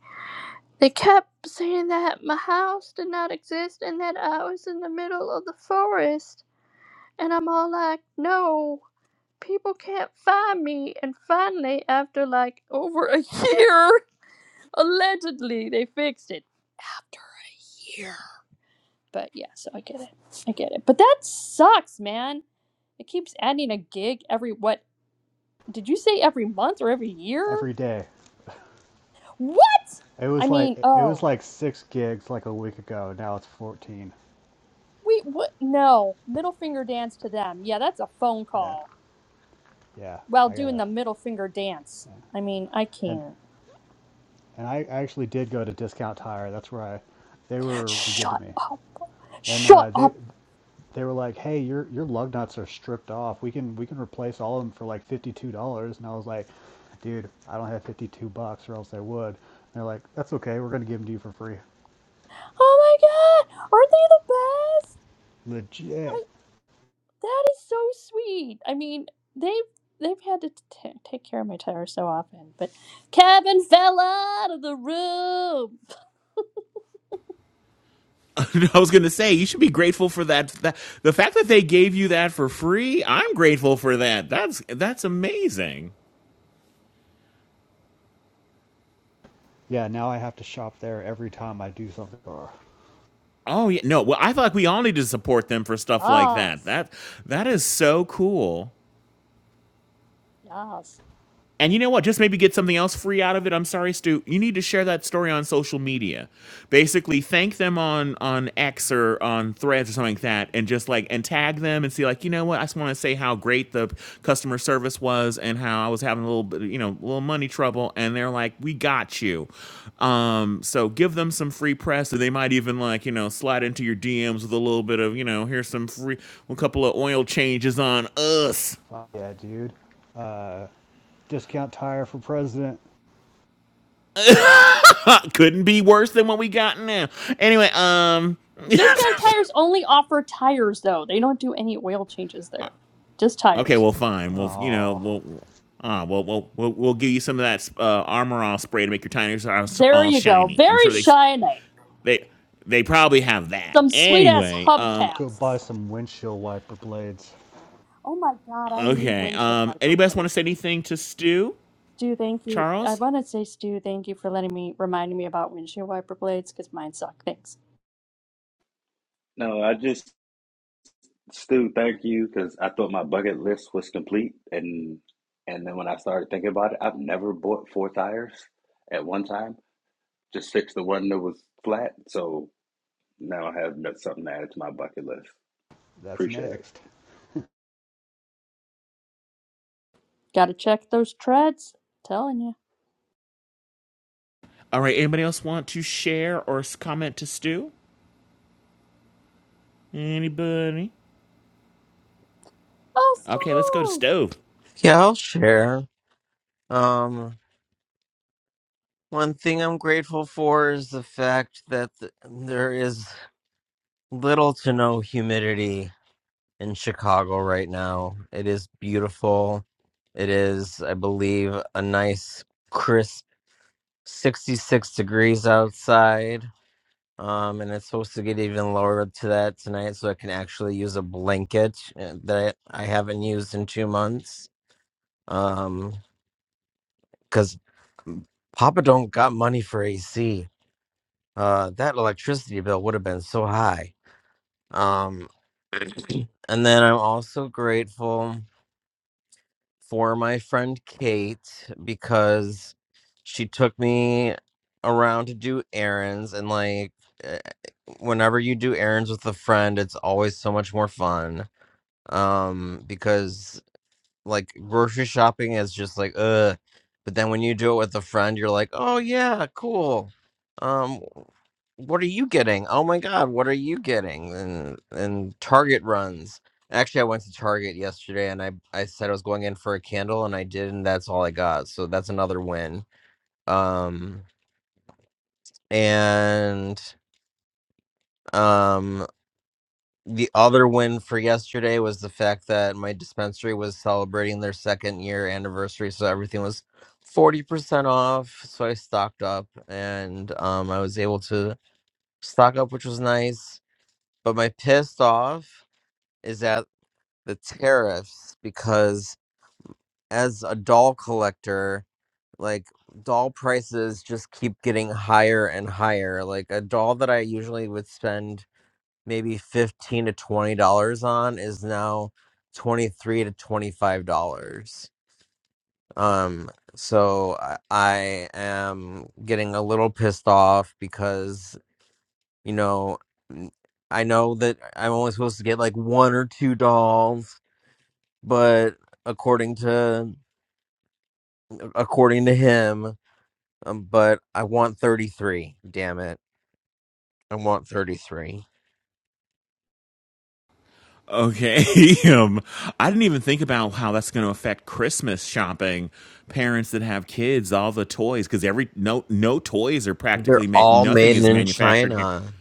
they kept saying that my house did not exist and that i was in the middle of the forest and i'm all like no people can't find me and finally after like over a year allegedly they fixed it after a year but yeah so i get it i get it but that sucks man it keeps adding a gig every what did you say every month or every year every day. What? It I was like mean, it was oh, like six gigs like a week ago. Now it's fourteen. we what? No, middle finger dance to them. Yeah, that's a phone Yeah, call. yeah. While I doing gotta the middle finger dance. I mean, I and can't. and I actually did go to Discount Tire. That's where I they were really good to Shut me, up. and uh, Shut they up. they were like, hey, your your lug nuts are stripped off. We can we can replace all of them for like fifty two dollars. And I was like, dude, I don't have fifty two bucks, or else I would. And they're like, that's okay. We're gonna give them to you for free. Oh my god, aren't they the best? Legit. I that is so sweet. I mean, they've they've had to t- take care of my tire so often, but Kevin fell out of the room. I was going to say you should be grateful for that, that. The fact that they gave you that for free, I'm grateful for that. That's that's amazing. Yeah. Now I have to shop there every time I do something. Oh Oh yeah, no. Well, I feel like we all need to support them for stuff like that. Yes, That that is so cool. yes. And you know what? Just maybe get something else free out of it. I'm sorry, Stu. You need to share that story on social media. Basically, thank them on on X or on Threads or something like that, and just like and tag them and see like you know what? I just want to say how great the customer service was and how I was having a little bit you know a little money trouble, and they're like, we got you. Um, so give them some free press, and they might even like you know slide into your DMs with a little bit of you know here's some free a couple of oil changes on us yeah, dude. Uh, Discount tire for president. couldn't be worse than what we got now. Anyway, um, Discount tires only offer tires, though. They don't do any oil changes there. Just okay, tires. well, fine. Well, you know, Oh, we'll, uh, we'll, we'll, we'll, we'll give you some of that uh, armor all spray to make your tires all, There all you go. shiny. I'm Very sure they, shiny. they, they probably have that. Some sweet ass Anyway, um, go buy hubcaps. some windshield wiper blades. Oh my god, I need okay. windshield Um, wiper anybody else want to blades. say anything to Stu, Stu, thank you. I Charles? want to say, Stu, thank you for letting me, reminding me about windshield wiper blades because mine suck. Thanks. No, I just Stu, thank you because I thought my bucket list was complete, and and then when I started thinking about it, I've never bought four tires at one time. Just fixed the one that was flat, so now I have that's something to add to my bucket list. That's Appreciate it. next. Gotta check those treads. Telling you. All right. Anybody else want to share or comment to Stu? Anybody? Oh, Okay, let's go to Stu! Stove. Yeah, I'll share. Um, one thing I'm grateful for is the fact that th- there is little to no humidity in Chicago right now. It is beautiful. It is, I believe, a nice crisp 66 degrees outside. Um, and it's supposed to get even lower to that tonight, so I can actually use a blanket uh, that I haven't used in two months. Um, Papa don't got money for AC. Uh, that electricity bill would have been so high. Um, and then I'm also grateful for my friend Kate because she took me around to do errands and like eh, whenever you do errands with a friend it's always so much more fun um because like grocery shopping is just like uh but then when you do it with a friend you're like oh yeah cool um what are you getting oh my god what are you getting and and target runs actually i went to target yesterday and i i said i was going in for a candle and i did and that's all i got so that's another win um and um the other win for yesterday was the fact that my dispensary was celebrating their second year anniversary, so everything was forty percent off. So I stocked up, and um, I was able to stock up, which was nice. But my pissed off is at the tariffs because as a doll collector, like doll prices just keep getting higher and higher. Like a doll that I usually would spend maybe 15 to 20 dollars on is now 23 to 25 dollars um so I, I am getting a little pissed off because you know n- i know that i'm only supposed to get like one or two dolls but according to according to him um, but i want 33 damn it i want 33 Okay. um, I didn't even think about how that's going to affect Christmas shopping. Parents that have kids, all the toys, because every no no toys are they're practically meant. all Nothing made is in manufactured here china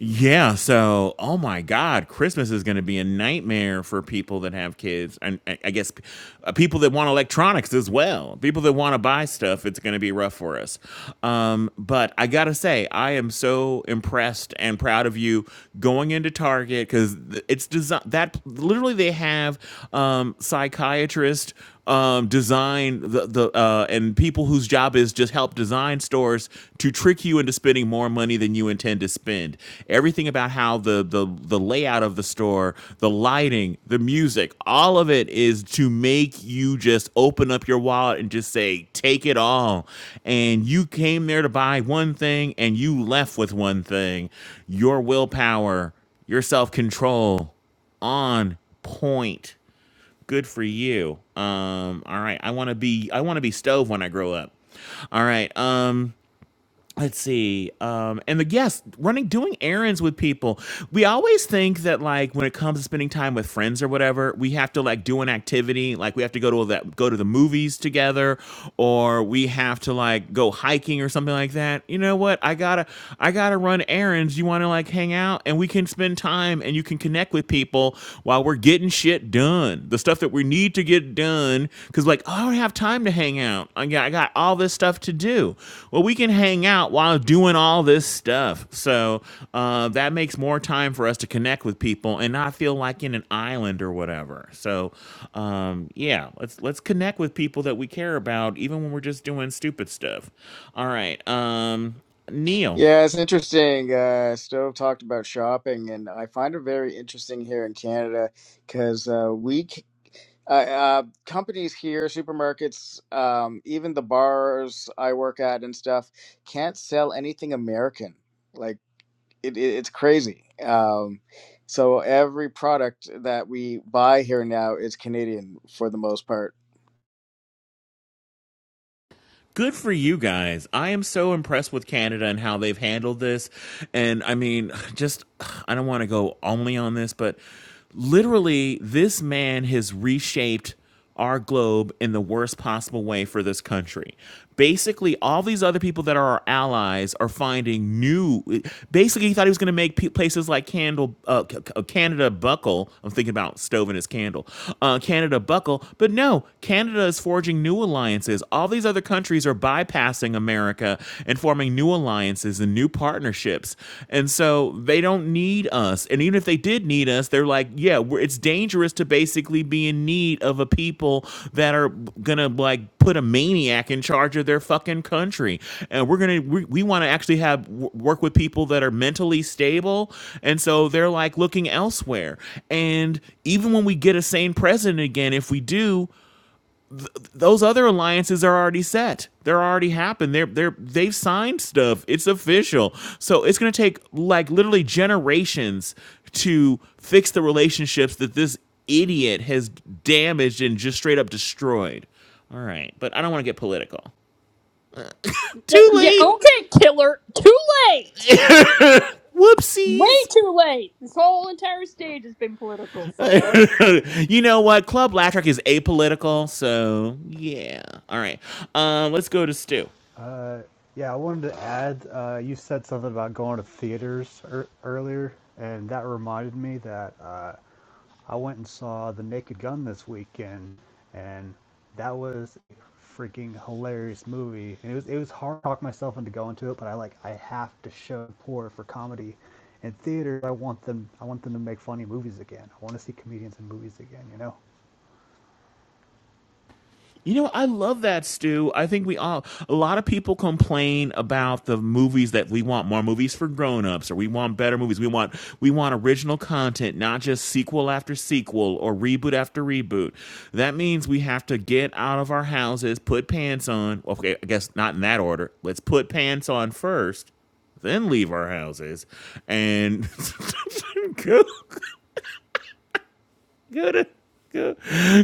yeah, so oh my God, Christmas is going to be a nightmare for people that have kids, and I I guess p- uh, people that want electronics as well. People that want to buy stuff, it's going to be rough for us. Um, but I gotta say, I am so impressed and proud of you going into Target because it's design that literally they have um, psychiatrists um, design the the uh, and people whose job is just help design stores to trick you into spending more money than you intend to spend. Everything about how the the the layout of the store, the lighting, the music, all of it is to make you just open up your wallet and just say take it all. And you came there to buy one thing and you left with one thing. Your willpower, your self-control on point Good for you. Um, all right. I want to be I want to be stove when I grow up. All right. Um, let's see. Um, and the yes, running doing errands with people. We always think that like when it comes to spending time with friends or whatever, we have to like do an activity, like we have to go to that go to the movies together or we have to like go hiking or something like that. You know what? I got to I got to run errands. You want to like hang out and we can spend time and you can connect with people while we're getting shit done the stuff that we need to get done because like oh, I don't have time to hang out. I got I got all this stuff to do. Well, we can hang out while doing all this stuff. So uh, that makes more time for us to connect with people and not feel like in an island or whatever. So um, yeah, let's let's connect with people that we care about even when we're just doing stupid stuff. All right, um, Neil. Yeah, it's interesting. Uh, Stove talked about shopping, and I find it very interesting here in Canada because uh, we c- uh, uh, companies here, supermarkets, um, even the bars I work at and stuff, can't sell anything American. Like it, it, it's crazy. Um, so every product that we buy here now is Canadian for the most part. good for you guys. I am so impressed with Canada and how they've handled this. And I mean, just I don't want to go only on this, but literally, this man has reshaped our globe in the worst possible way for this country Basically, all these other people that are our allies are finding new. Basically, he thought he was going to make pe- places like Candle, uh, C- C- Canada buckle. I'm thinking about Stove and his candle. Uh, Canada buckle, but no, Canada is forging new alliances. All these other countries are bypassing America and forming new alliances and new partnerships, and so they don't need us. And even if they did need us, they're like, yeah, we're, it's dangerous to basically be in need of a people that are gonna like put a maniac in charge of their fucking country. And we're gonna we, we want to actually have w- work with people that are mentally stable. And so they're like looking elsewhere. And even when we get a sane president again, if we do, those other alliances are already set. They're already happened. They're they're they've signed stuff. It's official. So it's going to take like literally generations to fix the relationships that this idiot has damaged and just straight up destroyed. All right, but I don't want to get political. Th- Too Yeah, late. okay, killer. Too late! Way Whoopsies. too late! This whole entire stage has been political for a long time. you know what? Club Latrick is apolitical, so yeah. All right. Um, let's go to Stu. Uh, yeah, I wanted to add. Uh, you said something about going to theaters er- earlier, and that reminded me that uh, I went and saw The Naked Gun this weekend, and that was a freaking hilarious movie. And it was it was hard to talk myself into going to it, but I like I have to show support for comedy. In theater, I want them I want them to make funny movies again. I want to see comedians in movies again. You know. You know, I love that, Stu. I think we all, a lot of people complain about the movies that we want more movies for grown-ups or we want better movies. We want, we want original content, not just sequel after sequel or reboot after reboot. That means we have to get out of our houses, put pants on. Okay, I guess not in that order. Let's put pants on first, then leave our houses and go go to go,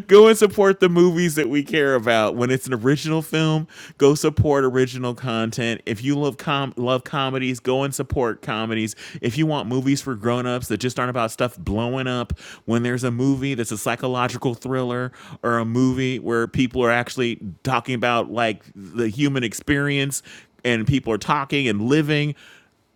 go and support the movies that we care about. When it's an original film, go support original content. If you love com- love comedies, go and support comedies. If you want movies for grown-ups that just aren't about stuff blowing up, when there's a movie that's a psychological thriller or a movie where people are actually talking about like the human experience and people are talking and living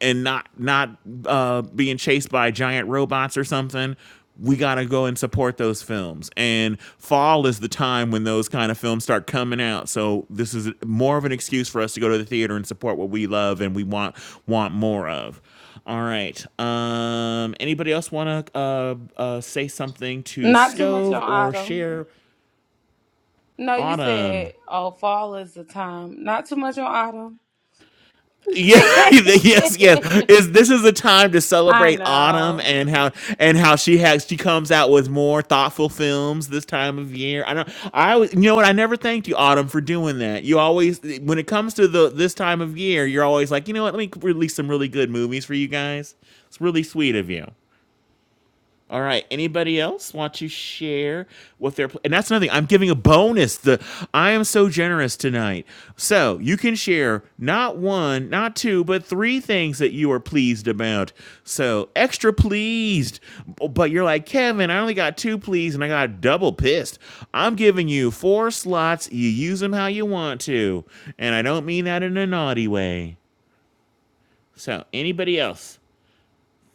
and not not uh, being chased by giant robots or something. We gotta go and support those films. And fall is the time when those kind of films start coming out. So this is more of an excuse for us to go to the theater and support what we love and we want want more of. All right. Um, anybody else want to uh, uh, say something to Not too much Stove on or autumn. share No, you Autumn? said, oh, fall is the time. Not too much on autumn. Yeah, yes, yes. Is this is a time to I celebrate autumn know. and how and how she has she comes out with more thoughtful films this time of year. I don't I always you know what I never thanked you autumn for doing that. You always when it comes to the this time of year, you're always like, "You know what? Let me release some really good movies for you guys." It's really sweet of you. All right. Anybody else want to share what their pl- and that's another thing. I'm giving a bonus. The I am so generous tonight. So you can share not one, not two, but three things that you are pleased about. So extra pleased, but you're like Kevin. I only got two pleased, and I got double pissed. I'm giving you four slots. You use them how you want to, and I don't mean that in a naughty way. So anybody else?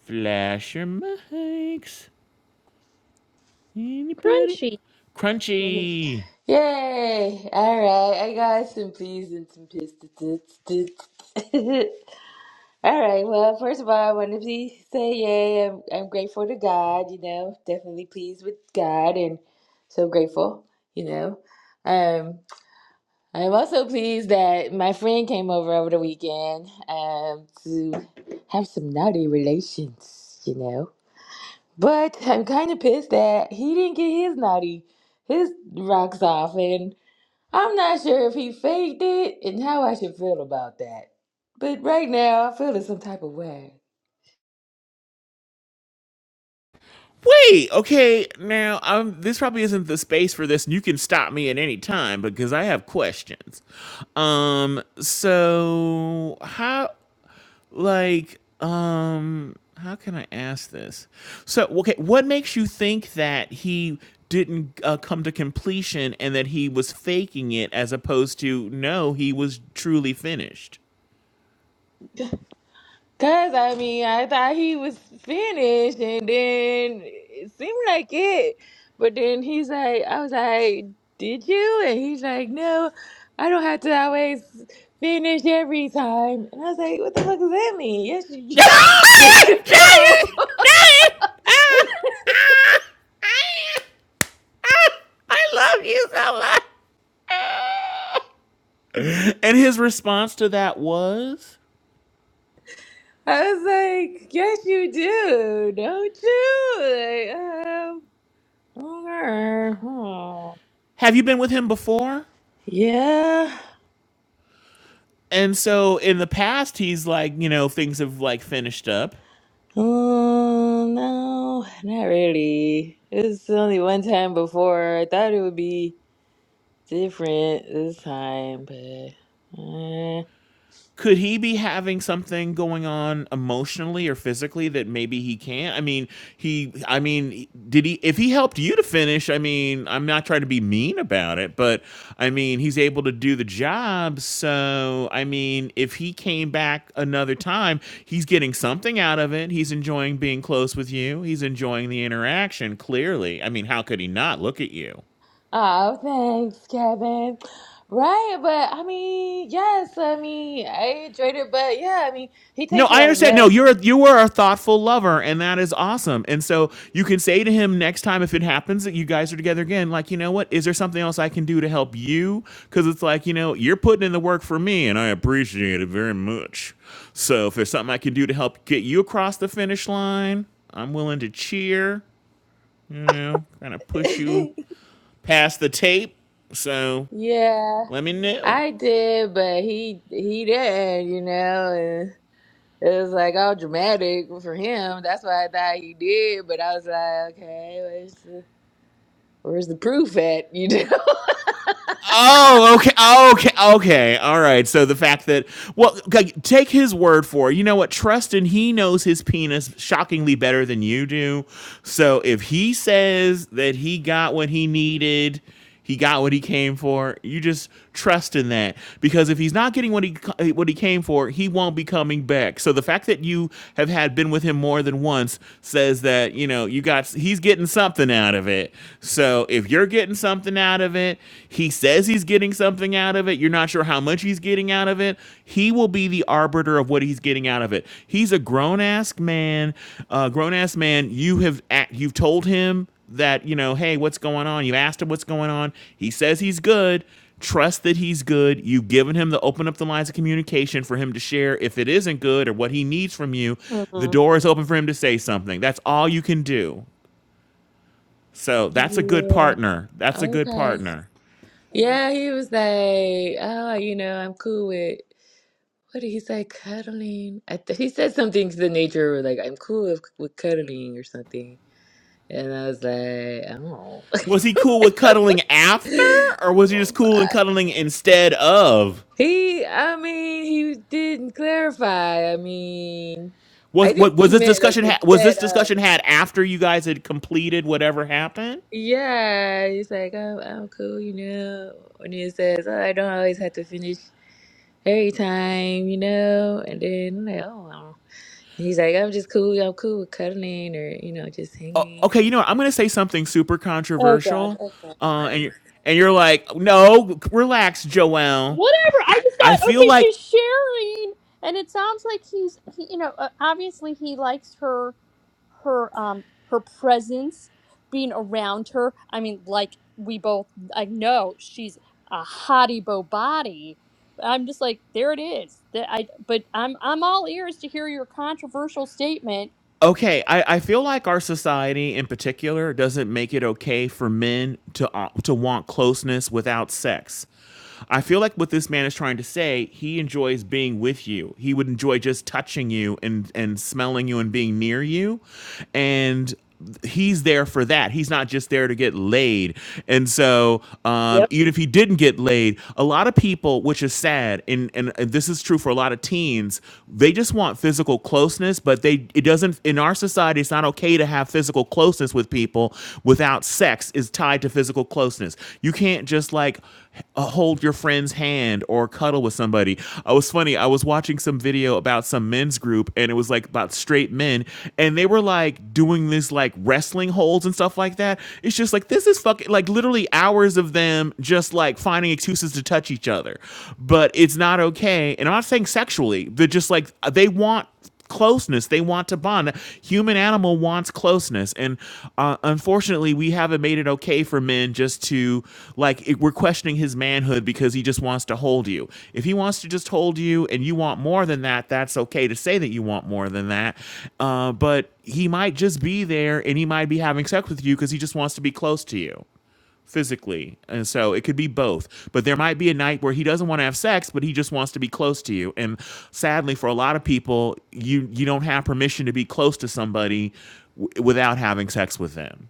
Flash your mics. Anybody? Crunchy. Mhm. Crunchy. Yay! All right, I got some pleas and some pistons. All right, well, first of all, I want to please say yay. I'm, I'm grateful to God, you know, definitely pleased with God and so grateful, you know. Um, I'm also pleased that my friend came over over the weekend um, to have some naughty relations, you know. But I'm kind of pissed that he didn't get his naughty, his rocks off and. I'm not sure if he faked it and how I should feel about that. But right now, I feel in some type of way. Wait, okay, now um, this probably isn't the space for this, and you can stop me at any time because I have questions. Um, so how, like, um, how can I ask this? So, okay, what makes you think that he didn't uh, come to completion and that he was faking it as opposed to no, he was truly finished? Cause I mean, I thought he was finished, and then it seemed like it. But then he's like, I was like, "Did you?" And he's like, "No, I don't have to always finish every time." And I was like, "What the fuck does that mean?" Yes, you, you I yes, you do. love you so much. And his response to that was, I was like, yes, you do, don't you? Like, um, Okay. Hmm. Have you been with him before? Yeah. And so in the past, he's like, you know, things have like finished up. Oh, no, not really. It's only one time before. I thought it would be different this time, but. Uh, could he be having something going on emotionally or physically that maybe he can't? I mean, he, I mean, did he, if he helped you to finish, I mean, I'm not trying to be mean about it, but I mean, he's able to do the job. So, I mean, if he came back another time, he's getting something out of it. He's enjoying being close with you, he's enjoying the interaction, clearly. I mean, how could he not look at you? oh, thanks, Kevin. Right, but I mean, yes, I mean, I enjoyed it, but yeah, I mean, he No, takes a I lot of understand. No, you're medicine. a, you are a thoughtful lover, and that is awesome. And so you can say to him next time if it happens that you guys are together again, like, you know what? Is there something else I can do to help you? Because it's like, you know, you're putting in the work for me, and I appreciate it very much. So if there's something I can do to help get you across the finish line, I'm willing to cheer. You know, kind of push you past the tape. So Yeah, let me know. I did, but he he didn't, you know. It was like all dramatic for him. That's what I thought he did. But I was like, okay, where's the where's the proof at? You know? Oh, okay, oh, okay, okay. All right. So the fact that well, okay, take his word for it. You know what? Trust in he knows his penis shockingly better than you do. So if he says that he got what he needed, he got what he came for. You just trust in that because if he's not getting what he what he came for, he won't be coming back. So the fact that you have had been with him more than once says that you know you got he's getting something out of it. So so if you're getting something out of it, he says he's getting something out of it, you're not sure how much he's getting out of it, he will be the arbiter of what he's getting out of it. He's a grown ass man, uh, grown ass man. You have act, you've told him that, you know, hey, what's going on? You've asked him what's going on. He says he's good. Trust that he's good. You've given him the open up the lines of communication for him to share if it isn't good or what he needs from you. The Mm. door is open for him to say something. That's all you can do. So that's a good Yeah. partner. That's a good okay. partner. Yeah, he was like, oh, you know, I'm cool with what did he say? Cuddling. I th he said something to the nature of like, I'm cool with, with cuddling or something. And I was like, oh. Was he cool with cuddling after, or was he just cool and cuddling instead of? he, I mean, he didn't clarify. I mean, I Was think what was he this meant like discussion? Ha- was this instead of. discussion had after you guys had completed whatever happened? Yeah, it's like I'm, I'm cool, you know. When he says, "Oh, I don't always have to finish every time," you know, and then I'm like, "Oh, wow." He's like, "I'm just cool. I'm cool with cuddling, or you know, just Oh, hanging." okay, Or... you know what? I'm gonna say something super Oh God. controversial, Okay. uh, and you're and you're like, no, relax, Joelle. Whatever. I just I thought, feel okay, like she's sharing, and it sounds like he's, he, you know, uh, obviously he likes her, her, um, her presence, being around her. I mean, like we both, I know she's a hottie bo body. I'm just like, there it is. That I, but I'm, I'm all ears to hear your controversial statement. Okay, I, I feel like our society in particular doesn't make it okay for men to uh, to want closeness without sex. I feel like what this man is trying to say, he enjoys being with you. He would enjoy just touching you and and smelling you and being near you. And he's there for that. He's not just there to get laid. And so, um, even if he didn't get laid, a lot of people, which is sad, and, and and this is true for a lot of teens, they just want physical closeness, but they it doesn't in our society. It's not okay to have physical closeness with people without sex is tied to physical closeness. You can't just like uh, hold your friend's hand or cuddle with somebody. I was funny. I was watching some video about some men's group and it was like about straight men and they were like doing this like wrestling holds and stuff like that. It's just like this is fucking like literally hours of them just like finding excuses to touch each other. But it's not okay. And I'm not saying sexually, but just like they want closeness they want to bond human animal wants closeness and uh, unfortunately we haven't made it okay for men just to like it, we're questioning his manhood because he just wants to hold you if he wants to just hold you and you want more than that that's okay to say that you want more than that uh, but he might just be there and he might be having sex with you because he just wants to be close to you physically. And so it could be both. But there might be a night where he doesn't want to have sex, but he just wants to be close to you. And sadly for a lot of people, you you don't have permission to be close to somebody w- without having sex with them.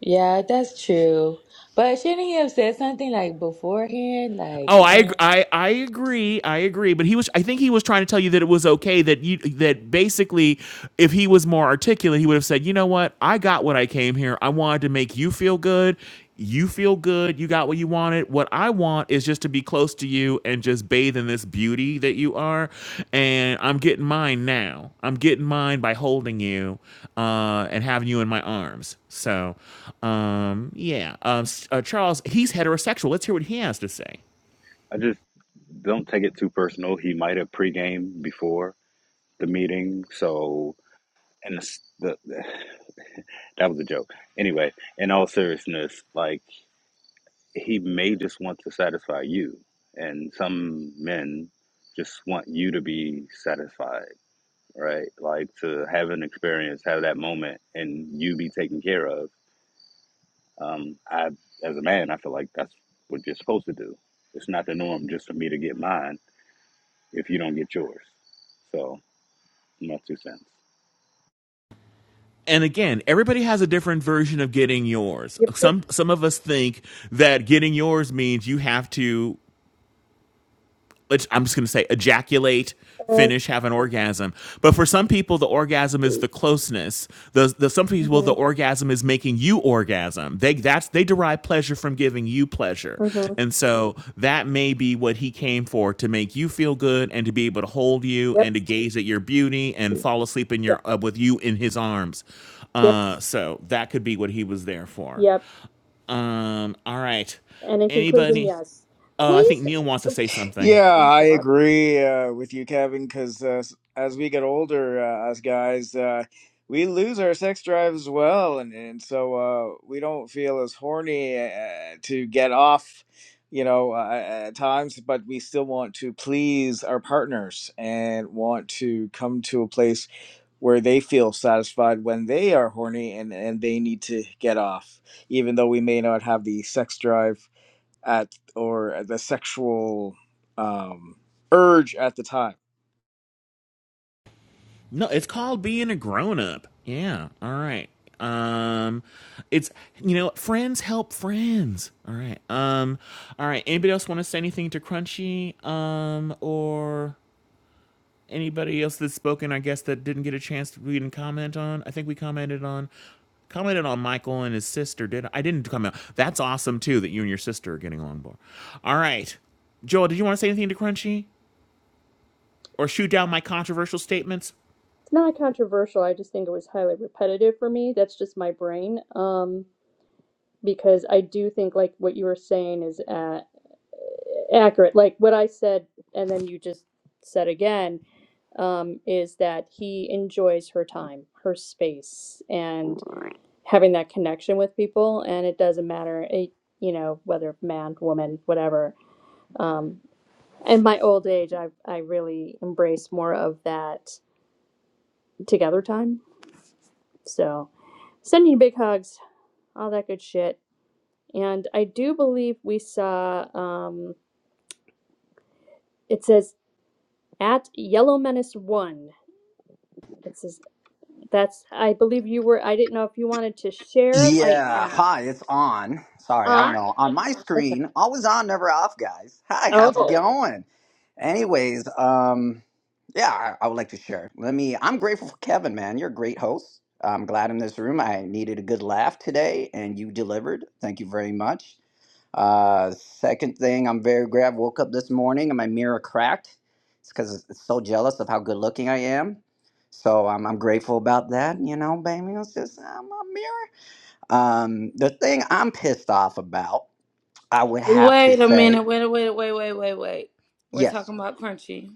Yeah, that's true. But shouldn't he have said something like beforehand, like Oh, you I, know? I I agree. I agree. But he was. I think he was trying to tell you that it was okay that you that basically, if he was more articulate, he would have said, you know what, I got what I came here. I wanted to make you feel good. You feel good. You got what you wanted. What I want is just to be close to you and just bathe in this beauty that you are. And I'm getting mine now. I'm getting mine by holding you uh, and having you in my arms. So, um, yeah. Um, s- uh, Charles, he's heterosexual. Let's hear what he has to say. I just don't take it too personal. He might have pregame before the meeting, so and the, the that was a joke. Anyway, in all seriousness, like he may just want to satisfy you, and some men just want you to be satisfied, right? Like to have an experience, have that moment, and you be taken care of. Um, I, as a man, I feel like that's what you're supposed to do. It's not the norm just for me to get mine if you don't get yours. So, my two cents. and again, everybody has a different version of getting yours. Yep. Yep. Some some of us think that getting yours means you have to let's- I'm just going to say ejaculate, Uh, finish, have an orgasm. But for some people, the orgasm is the closeness. The, the some people, the mhm. orgasm is making you orgasm. They that's they derive pleasure from giving you pleasure, Mhm. and so that may be what he came for to make you feel good and to be able to hold you and Yep. to gaze at your beauty and fall asleep in Yep. your uh, with you in his arms. Yep. Uh, so that could be what he was there for. Yep. Um, all right, And in conclusion, anybody? yes. Uh, I think Please, Neil wants to say something. Yeah, oh I God, agree uh, with you, Kevin, because uh, s- as we get older, uh, us guys, uh, we lose our sex drive as well. And, and so uh, we don't feel as horny uh, to get off, you know, uh, at times, but we still want to please our partners and want to come to a place where they feel satisfied when they are horny and, and they need to get off, even though we may not have the sex drive at or the sexual um, urge at the time No, it's called being a grown up. Yeah. All right. Um, it's you know, friends help friends. All right. Um, all right. Anybody else want to say anything to Crunchy? Um, or anybody else that's spoken? I guess that didn't get a chance. to read and comment on. I think we commented on. Commented on Michael and his sister. Did I? I didn't comment. That's awesome too. That you and your sister are getting along more. All right. Joel, did you want to say anything to Crunchy or shoot down my controversial statements? it's not controversial. I just think it was highly repetitive for me. That's just my brain. Um, because I do think like what you were saying is uh, accurate. Like what I said, and then you just said again, um, is that he enjoys her time, her space, and having that connection with people. And it doesn't matter, it, you know, whether man, woman, whatever. Um, in my old age i i really embrace more of that together time so sending you big hugs all that good shit and i do believe we saw um it says at yellow menace one it says that's i believe you were i didn't know if you wanted to share like Yeah, um hi, it's on. Sorry, I don't know. On my screen, always on, never off, guys. Hi, how's it going? Anyways, um, yeah, I, I would like to share. Let me. I'm grateful for Kevin, man. You're a great host. I'm glad in this room. I needed a good laugh today, and you delivered. Thank you very much. Uh, second thing, I'm very glad I woke up this morning and my mirror cracked. It's because it's so jealous of how good looking I am. So um, I'm grateful about that, you know, baby. It's just uh, my mirror. Um, the thing I'm pissed off about, I would have to Wait a say, minute. Wait, wait, wait, wait, wait, wait. We're yes. talking about crunchy,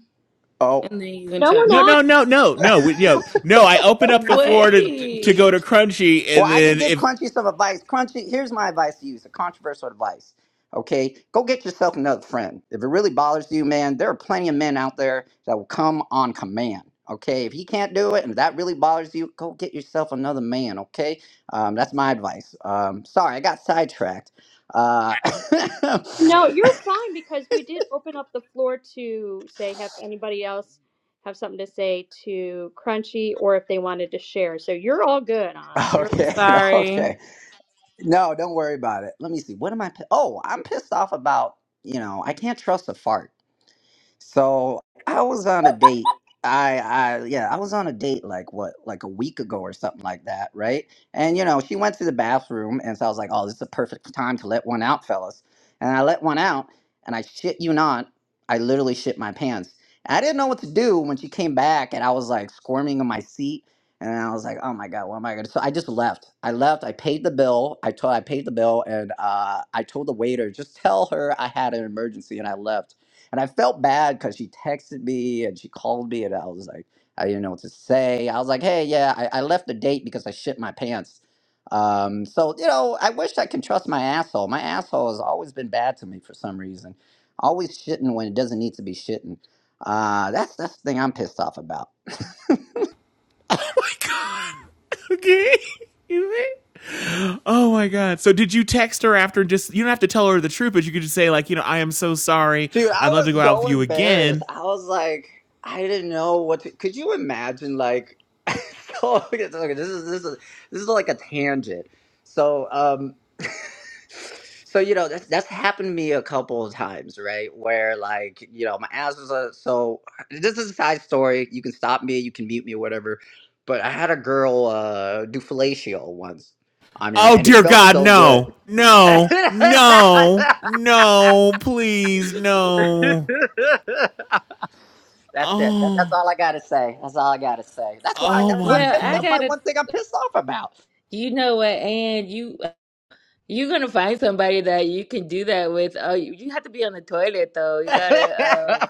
Oh. and then you can no we're jump in. No, not no, no, no, no, we, you know, no. I open up the floor to to go Wait. to Crunchy, Well, and I can then give if Crunchy some advice. Crunchy, here's my advice to you. It's a controversial advice. Okay, go get yourself another friend. If it really bothers you, man, there are plenty of men out there that will come on command. Okay, if he can't do it and that really bothers you, go get yourself another man. Okay, um, that's my advice. Um, sorry, I got sidetracked. Uh, no you're fine because we did open up the floor to say have anybody else have something to say to crunchy or if they wanted to share so you're all good on you're okay, Sorry. okay. No, don't worry about it. Let me see. What am I? pi- Oh, I'm pissed off about. You know, I can't trust a fart. So I was on a date. I, I, yeah, I was on a date like what, like a week ago or something like that, right? And you know, she went to the bathroom, and so I was like, oh, this is a perfect time to let one out, fellas. And I let one out, and I shit you not, I literally shit my pants. I didn't know what to do when she came back, and I was like squirming in my seat, and I was like, oh my god, what am I gonna? So I just left. I left. I paid the bill. I told I paid the bill, and uh, I told the waiter just tell her I had an emergency, and I left and I felt bad because she texted me and she called me, and I was like, I didn't know what to say. I was like, hey, yeah, I, I left the date because I shit my pants. Um, so, you know, I wish I could trust my asshole. My asshole has always been bad to me for some reason, always shitting when it doesn't need to be shitting. Uh, that's that's the thing I'm pissed off about. oh my god, okay, you see? Oh my god. So did you text her after? Just you don't have to tell her the truth, but you could just say like, you know, I am so sorry. Dude, I I'd love to go was out with so you embarrassed. again. I was like, I didn't know what to. Could you imagine? Like, so, okay, so, okay, this is this is this is like a tangent. So, um, so you know that's that's happened to me a couple of times, right? Where like you know my ass was uh, so. This is a side story. You can stop me. You can mute me. Whatever. But I had a girl uh, do fellatio once on me, right? Oh And it dear felt God, so no, good. no, no, no, please, no. that's it. That- that's Oh, all I gotta say. That's all I gotta say. That's why. oh That's why I'm my Well, pissed. Oh I god. That's my gotta, one thing I'm pissed off about. you know what, and you. You're gonna find somebody that you can do that with. Oh, you, you have to be on the toilet though. You yeah, gotta um,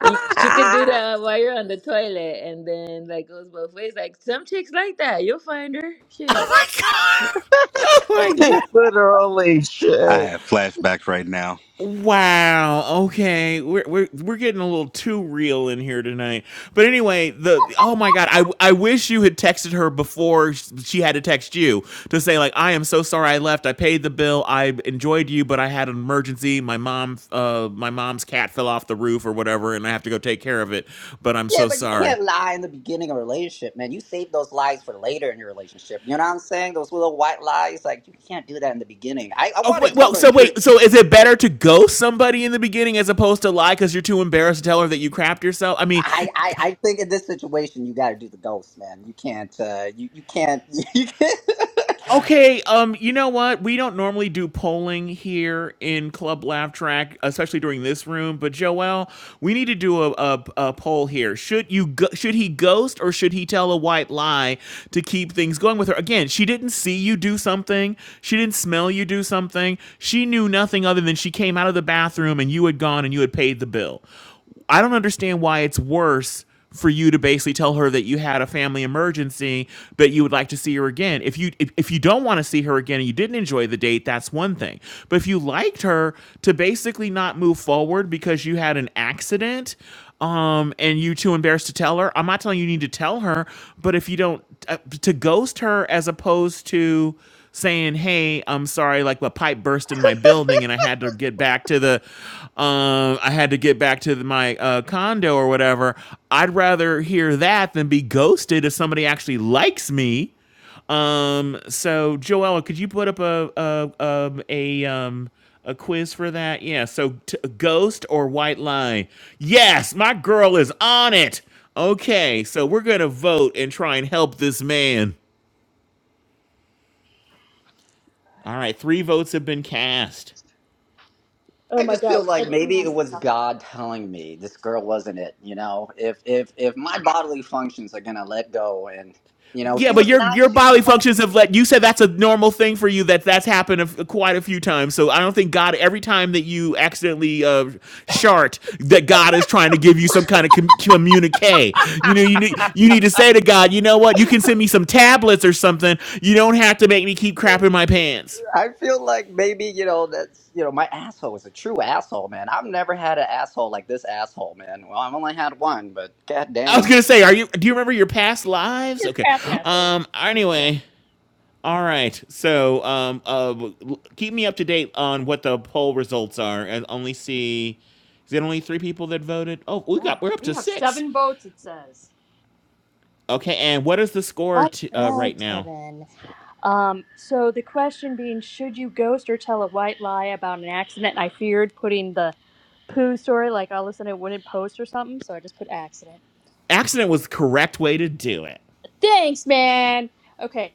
You, she could do that while you're on the toilet, and then like goes both ways. Like some chicks like that, you'll find her. Oh Shit. my god. Oh my god. Literally I shit. have flashbacks right now. Wow. Okay. We're we're we're getting a little too real in here tonight. But anyway, the the- oh my god, I I wish you had texted her before sh- she had to text you to say like I am so sorry I left. I paid the bill. I enjoyed you, but I had an emergency. My mom uh my mom's cat fell off the roof or whatever and I have to go take care of it, but I'm so but you sorry. can't lie in the beginning of a relationship, man. You save those lies for later in your relationship. You know what I'm saying? Those little white lies, like you can't do that in the beginning. I, I Oh want to wait, tell well, her the so truth. wait, so is it better to ghost somebody in the beginning as opposed to lie because you're too embarrassed to tell her that you crapped yourself? I mean, I, I, I think in this situation you got to do the ghost, man. You can't. Uh, you you can't. You can't. Okay, um, you know what? We don't normally do polling here in Club Laugh Track, especially during this room. But Joel, we need to do a, a, a poll here. Should you go, should he ghost or should he tell a white lie to keep things going with her? Again, she didn't see you do something. She didn't smell you do something. She knew nothing other than she came out of the bathroom and you had gone and you had paid the bill. I don't understand why it's worse for you to basically tell her that you had a family emergency but you would like to see her again if you if, if you don't want to see her again and you didn't enjoy the date that's one thing but if you liked her to basically not move forward because you had an accident um and you too embarrassed to tell her i'm not telling you you need to tell her but if you don't uh, to ghost her as opposed to saying, "Hey, I'm sorry, like the pipe burst in my building, and I had to get back to the, um, I had to get back to the, my uh, condo or whatever." I'd rather hear that than be ghosted if somebody actually likes me. Um, so Joella, could you put up a a um, a um a quiz for that? Yeah. So t- ghost or white lie? Yes, my girl is on it. Okay, so we're gonna vote and try and help this man. All right, three votes have been cast. I my just feel gosh. like And maybe it was God telling me this girl wasn't it. You know, if if if my bodily functions are gonna let go, and you know, Yeah, she but was your your nice, she was bodily fun. functions have let you said that's a normal thing for you that that's happened a f quite a few times. So I don't think God every time that you accidentally uh shart that God is trying to give you some kind of com- communique. You know, you need you need to say to God, you know what? You can send me some tablets or something. You don't have to make me keep crapping my pants. I feel like maybe you know that's you know my asshole is a true asshole, man. I've never had an asshole like this asshole, man. Well, I've only had one, but god I was dang. gonna say, are you? Do you remember your past lives? His Okay. past asshole. Um. Yeah. Anyway, All right. So, um, uh, w- l- keep me up to date on what the poll results are. I only see, is it only three people that voted? Oh, we Yeah. got we're up We to have six. seven votes, it says. Okay. And what is the score right to, uh, now, right now? Kevin. Um, so the question being, should you ghost or tell a white lie about an accident? I feared putting the poo story, like all of a sudden it wouldn't post or something, so I just put accident. Accident was the correct way to do it. Thanks, man. Okay.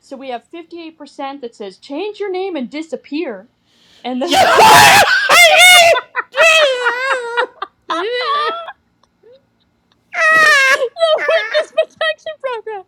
So we have 58% that says change your name and disappear. And then Yeah. the witness protection program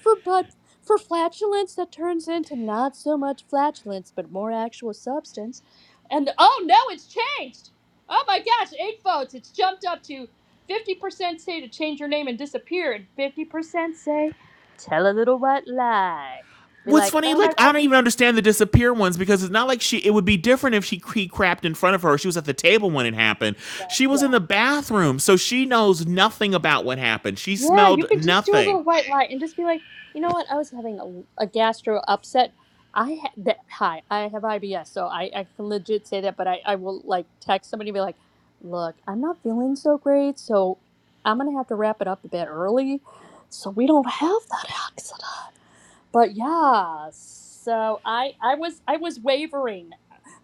for but for flatulence that turns into not so much flatulence but more actual substance and oh no it's changed oh my gosh eight votes it's jumped up to 50% say to change your name and disappear and 50% say tell a little white lie be what's like funny oh my like i gosh don't even understand the disappear ones because it's not like she it would be different if she he crapped in front of her she was at the table when it happened yeah she was yeah. in the bathroom so she knows nothing about what happened she Yeah, smelled you could just do a nothing little white lie and just be like, you know what? I was having a, a gastro upset. I ha- that, hi, I have IBS, so I, I can legit say that. But I, I will like text somebody and be like, look, I'm not feeling so great, so I'm gonna have to wrap it up a bit early, so we don't have that accident. But yeah, so I I was I was wavering.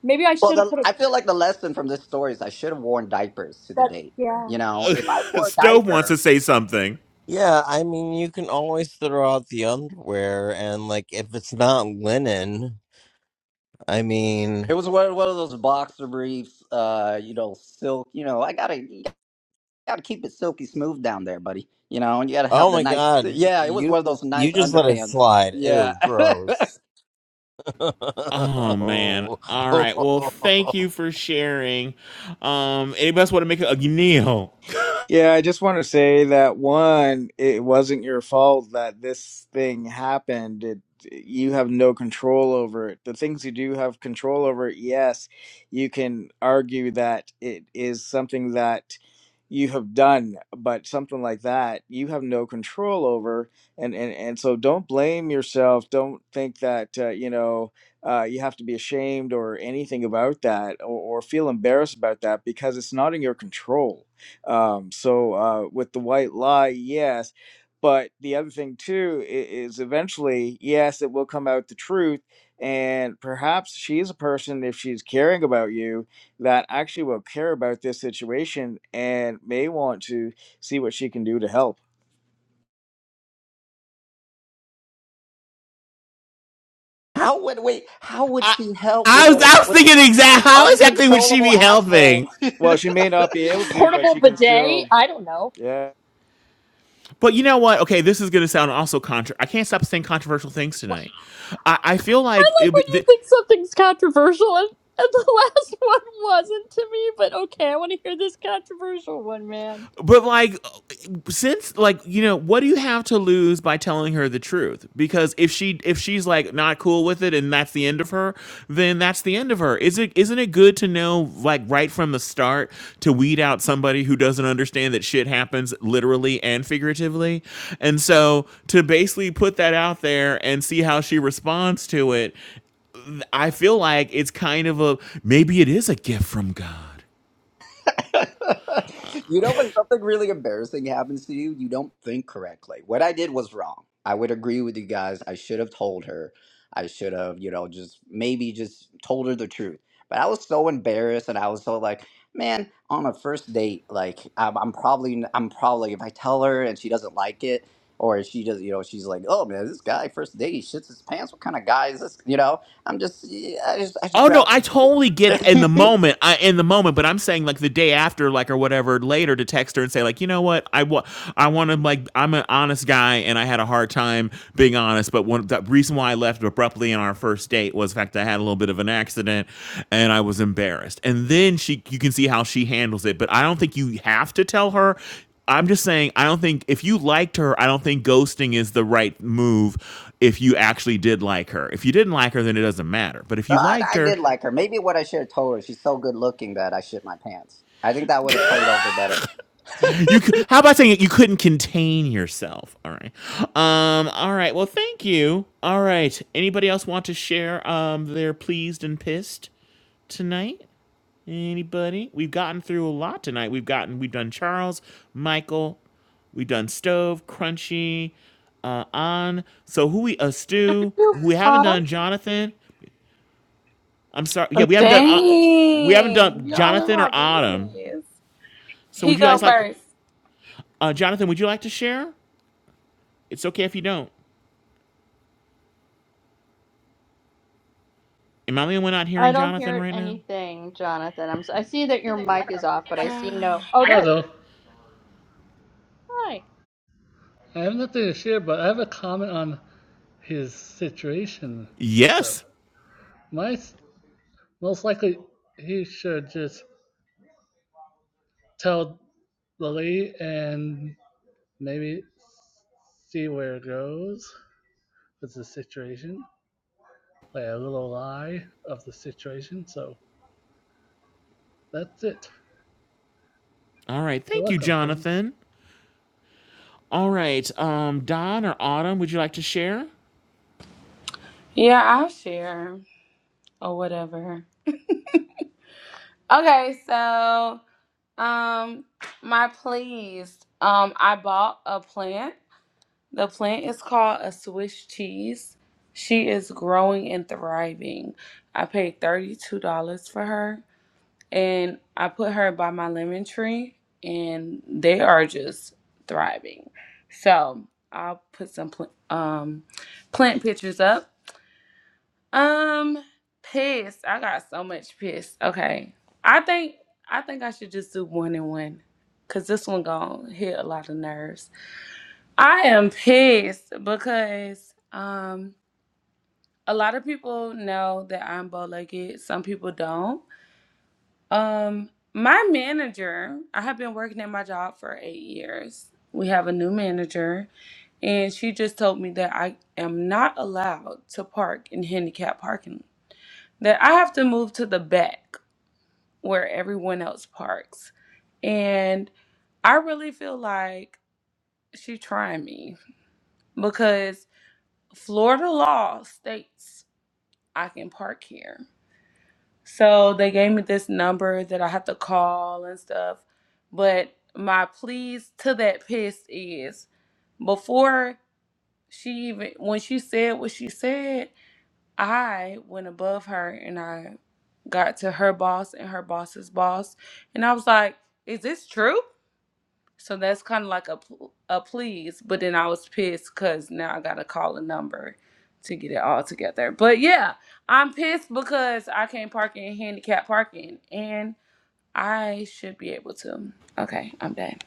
Maybe I Well, should have the, put a I feel like the lesson from this story is I should have worn diapers to the that date. yeah You know, if I wore a stove wants diaper, to say something Yeah, I mean, you can always throw out the underwear, and like if it's not linen, I mean, it was one, one of those boxer briefs, uh, you know, silk. You know, I gotta. got to keep it silky smooth down there, buddy. You know, and you got to have oh the my nice. god, you Yeah, it was one of you, those nice you just let it underpants. slide. Yeah. Ew, gross. oh man no, all right well thank you for sharing um anybody else want to make a, a Neil? Yeah, I just want to say that one, it wasn't your fault that this thing happened. It, you have no control over it. The things you do have control over, yes, you can argue that it is something that you have done, but something like that you have no control over. And and, and so don't blame yourself. Don't think that uh, you know uh, you have to be ashamed or anything about that, or, or feel embarrassed about that because it's not in your control um, so uh, with the white lie, yes. But the other thing too i- is eventually, yes, it will come out the truth. And perhaps she is a person, if she's caring about you, that actually will care about this situation and may want to see what she can do to help. how would we? How would I, she help I with was a i was with thinking a exact how exactly would she uncontrollable be asshole? helping Well, she may not be able to, but portable she can bidet. still, I don't know. yeah. But you know what? Okay, this is going to sound also contra. I can't stop saying controversial things tonight. I, I feel I like, like it, when you the, think something's controversial, and, and the last one wasn't to me, but okay, I want to hear this controversial one, man. but like, since like you know, what do you have to lose by telling her the truth? Because if she if she's like not cool with it and that's the end of her, then that's the end of her. Is it isn't it good to know like right from the start to weed out somebody who doesn't understand that shit happens literally and figuratively? And so to basically put that out there and see how she responds to it I feel like it's kind of a maybe it is a gift from God. you know when something really embarrassing happens to you, you don't think correctly. What I did was wrong. I would agree with you guys. I should have told her. I should have, you know, just maybe just told her the truth. But I was so embarrassed, and I was so like, man, on a first date, like I'm, I'm probably, I'm probably, if I tell her and she doesn't like it, or she does, you know, she's like, oh man, this guy first date, he shits his pants. What kind of guy is this? You know, I'm just, yeah, I just, I Oh just no, rather. I totally get in the moment. I in the moment, but I'm saying like the day after, like or whatever, later to text her and say like, you know what, I want, I want to like, I'm an honest guy and I had a hard time being honest. But one the reason why I left abruptly on our first date was the fact that I had a little bit of an accident and I was embarrassed. And then she, you can see how she handles it. But I don't think you have to tell her. I'm just saying, I don't think if you liked her, I don't think ghosting is the right move if you actually did like her. If you didn't like her, then it doesn't matter. But if you But liked I her, did like her. Maybe what I should have told her, she's so good looking that I shit my pants. I think that would have played over better. you could. how about saying it? You couldn't contain yourself. All right. Um. All right. Well, thank you. All right. Anybody else want to share? Um. They're pleased and pissed tonight. Anybody? We've gotten through a lot tonight. We've gotten. We've done Charles, Michael. We've done stove, crunchy, uh, on. So who we uh, Stu? Who we haven't Autumn? done Jonathan. I'm sorry. Yeah, we haven't done uh, we haven't Dang. done Y'all in Jonathan my or Autumn. business. So He would you go guys like first. uh, Jonathan? Would you like to share? It's okay if you don't. Am I the only one not I hearing don't Jonathan hear right now? anything, Jonathan. I'm, s- I see that your mic is off, but I see no. Oh, there it is. Hello. Hi. I have nothing to share, but I have a comment on his situation. So, Yes. my most likely he should just tell Lily and maybe see where it goes with the situation, like a little lie of the situation. So that's it. All right, You're thank you, welcome, Kevin. Jonathan. All right, um, Don or Autumn, would you like to share? yeah, I'll share or whatever. Okay, so Um, my please. Um, I bought a plant. The plant is called a Swiss cheese. She is growing and thriving. I paid $32 for her and I put her by my lemon tree and they are just thriving. So I'll put some pl- um, plant pictures up um, pissed. I got so much pissed. Okay. I think I think I should just do one and one. Cause this one gonna hit a lot of nerves. I am pissed because um a lot of people know that I'm bow legged. Some people don't. Um my manager, I have been working at my job for eight years. We have a new manager, and she just told me that I am not allowed to park in handicap parking that I have to move to the back where everyone else parks. And I really feel like she trying me because Florida law states I can park here. So they gave me this number that I have to call and stuff. But my pleas to that piss is before she even when she said what she said, I went above her and I got to her boss and her boss's boss, and I was like, "Is this true?" So that's kind of like a pl- a please, but then I was pissed because now I gotta call a number to get it all together. But yeah, I'm pissed because I can't park in handicap parking, and I should be able to. Okay, I'm done.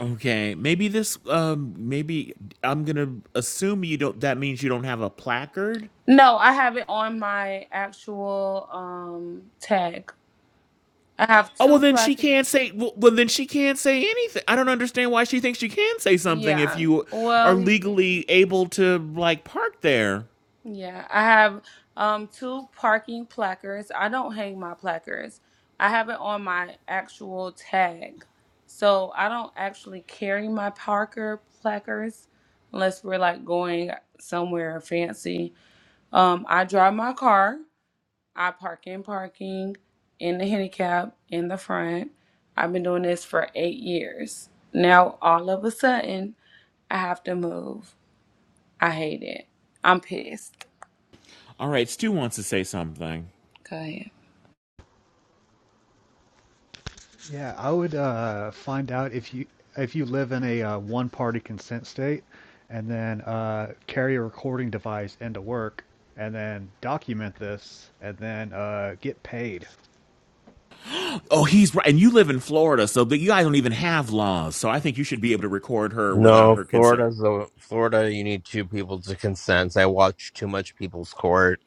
Okay. Maybe this. Um. Maybe I'm gonna assume you don't. That means you don't have a placard. No, I have it on my actual um tag. I have Oh well, two then she placards. can't say. Well, well, then she can't say anything. I don't understand why she thinks she can say something if Yeah. you are Well, legally able to like park there. Yeah, I have um two parking placards. I don't hang my placards. I have it on my actual tag. So I don't actually carry my Parker placards unless we're like going somewhere fancy. Um I drive my car. I park in parking in the handicap in the front. I've been doing this for 8 years. Now all of a sudden I have to move. I hate it. I'm pissed. All right, Stu wants to say something. Go ahead. Yeah, I would uh, find out if you if you live in a uh, one-party consent state, and then uh, carry a recording device into work, and then document this, and then uh, get paid. Oh, he's right, and you live in Florida, so that you guys don't even have laws. So I think you should be able to record her without her consent. Florida's a Florida. You need two people to consent. I watch too much people's court.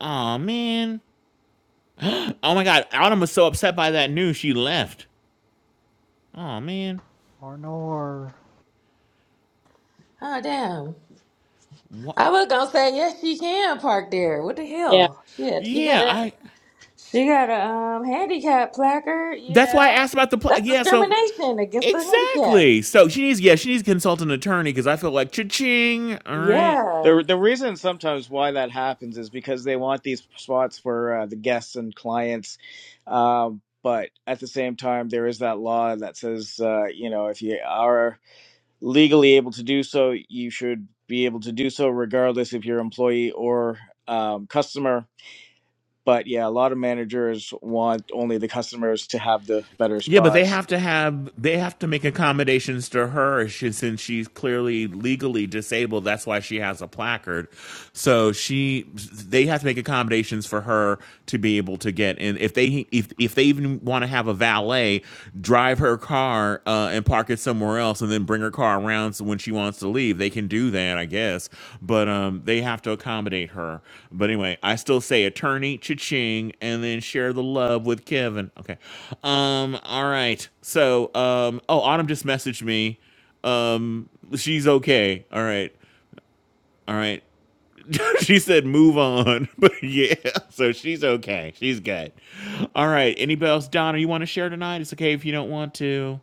Oh man. Oh my God, Autumn was so upset by that news she left. Oh man. Arnor Oh damn! What? I was gonna say yes, she can park there. What the Yeah. hell? Shit, she got Yeah, a I she got a um handicap placard. You That's why I know, asked about the pl- that's yeah. So discrimination against the handicap. exactly. So she needs yeah she needs to consult an attorney because I feel like cha-ching. All right. Yeah, The the reason sometimes why that happens is because they want these spots for uh, the guests and clients, um, but at the same time there is that law that says uh, you know if you are legally able to do so, you should be able to do so regardless if you're employee or um, customer. But yeah, a lot of managers want only the customers to have the better Yeah, but they spots. have to have they have to make accommodations to her she, since she's clearly legally disabled. That's why she has a placard. So she they have to make accommodations for her to be able to get in. If they if if they even want to have a valet drive her car uh, and park it somewhere else and then bring her car around so when she wants to leave they can do that i guess but um they have to accommodate her but anyway i still say attorney cha-ching and then share the love with kevin okay um all right so um oh autumn just messaged me um she's okay all right all right she said move on but yeah so she's okay she's good all right anybody else donna you want to share tonight it's okay if you don't want to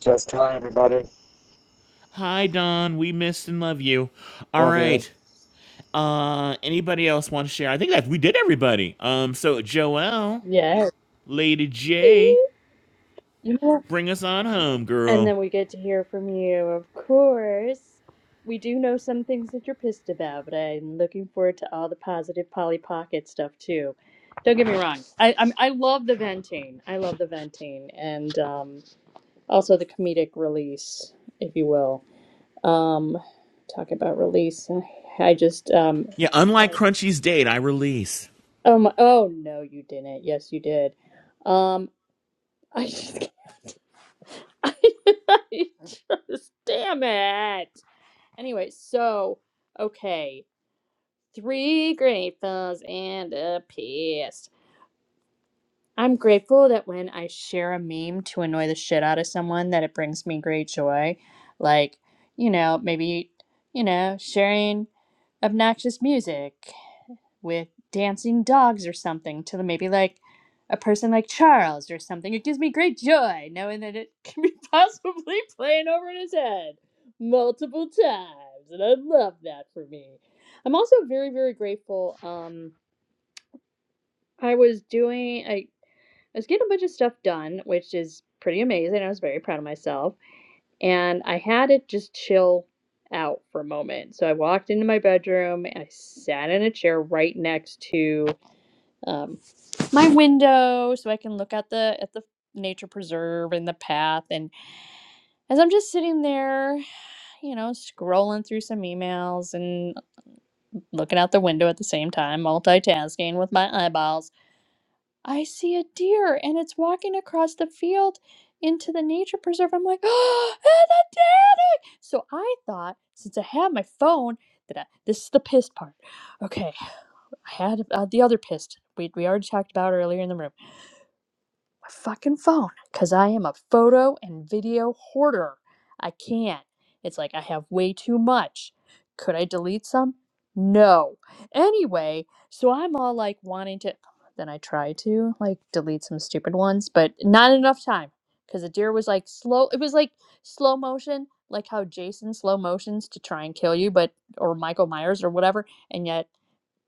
Just hi, everybody. Hi, Don. We missed and love you. All Love you. right. Uh, anybody else want to share? I think that we did everybody. Um, so Joelle, Lady J, Yeah. bring us on home, And girl. then we get to hear from you, of course. We do know some things that you're pissed about, but I'm looking forward to all the positive Polly Pocket stuff too. Don't get me wrong. I I'm, I love the venting. I love the venting, and um, also the comedic release, if you will. Um, talk about release. I just um Yeah, unlike Crunchy's date, I release. oh my oh no you didn't. Yes you did. Um I just I, I just damn it. Anyway, so okay, three gratefuls and a pissed. I'm grateful that when I share a meme to annoy the shit out of someone, that it brings me great joy. Like, you know, maybe you know, sharing obnoxious music with dancing dogs or something to maybe like a person like Charles or something. It gives me great joy knowing that it can be possibly playing over in his head multiple times, and I love that for me. I'm also very very grateful. Um, I was doing I, I was getting a bunch of stuff done, which is pretty amazing. I was very proud of myself, and I had it just chill out for a moment. So I walked into my bedroom and I sat in a chair right next to um, my window so I can look at the at the nature preserve and the path. And as I'm just sitting there, you know, scrolling through some emails and looking out the window at the same time, multitasking with my eyeballs, I see a deer and it's walking across the field into the nature preserve. I'm like, oh, it's a deer! So I thought, since I have my phone, that I, this is the pissed part. Okay, I had uh, the other pissed. We, we already talked about earlier in the room. my fucking phone because I am a photo and video hoarder. I can't. It's like I have way too much. Could I delete some? No. Anyway, so I'm all like wanting to. Then I try to like delete some stupid ones, but not enough time because the deer was like slow. It was like slow motion, like how Jason slow motions to try and kill you, but or Michael Myers or whatever, and yet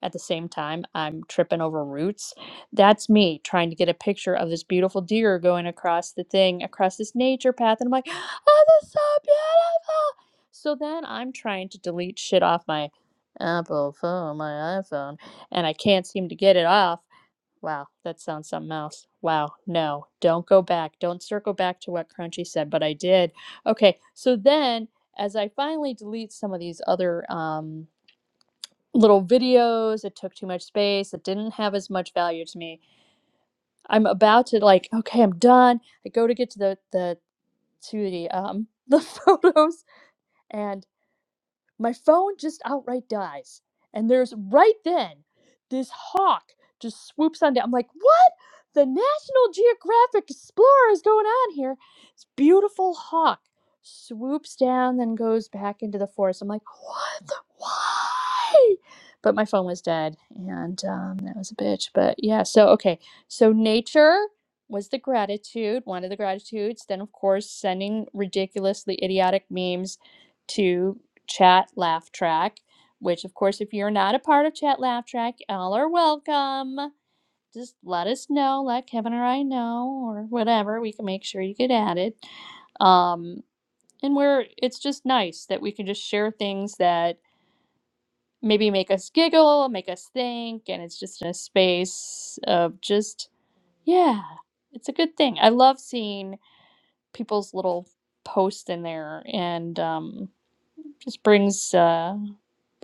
at the same time i'm tripping over roots that's me trying to get a picture of this beautiful deer going across the thing across this nature path and i'm like oh this is so beautiful so then i'm trying to delete shit off my apple phone my iphone and i can't seem to get it off wow that sounds something else wow no don't go back don't circle back to what crunchy said but i did okay so then as i finally delete some of these other um little videos. It took too much space. It didn't have as much value to me. I'm about to like, okay, I'm done. I go to get to the the to the um the photos, and my phone just outright dies. And there's right then this hawk just swoops on down. I'm like, what? The National Geographic Explorer is going on here. This beautiful hawk swoops down, then goes back into the forest. I'm like, what? The, why? But my phone was dead, and um, that was a bitch. But yeah, so okay, so nature was the gratitude, one of the gratitudes. Then of course, sending ridiculously idiotic memes to chat laugh track which of course if you're not a part of chat laugh track all are welcome just let us know let kevin or i know or whatever we can make sure you get added um and we're it's just nice that we can just share things that maybe make us giggle make us think and it's just in a space of just yeah it's a good thing i love seeing people's little posts in there and um just brings uh,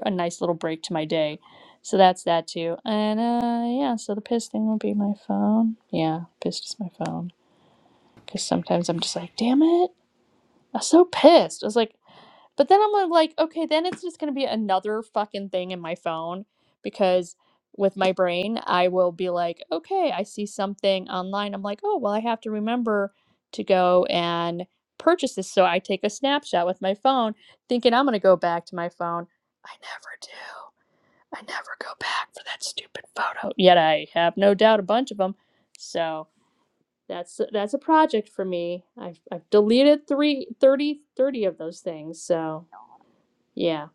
a nice little break to my day. So that's that too. And uh, yeah, so the piss thing will be my phone. Yeah, pissed is my phone because sometimes I'm just like, damn it, I'm so pissed. I was like, but then I'm like, okay, then it's just gonna be another fucking thing in my phone because with my brain, I will be like, okay, I see something online. I'm like, oh, well, I have to remember to go and purchase this. So I take a snapshot with my phone, thinking I'm gonna go back to my phone. I never do. I never go back for that stupid photo. Yet I have no doubt a bunch of them. So that's that's a project for me. I've, I've deleted three thirty thirty of those things. So yeah.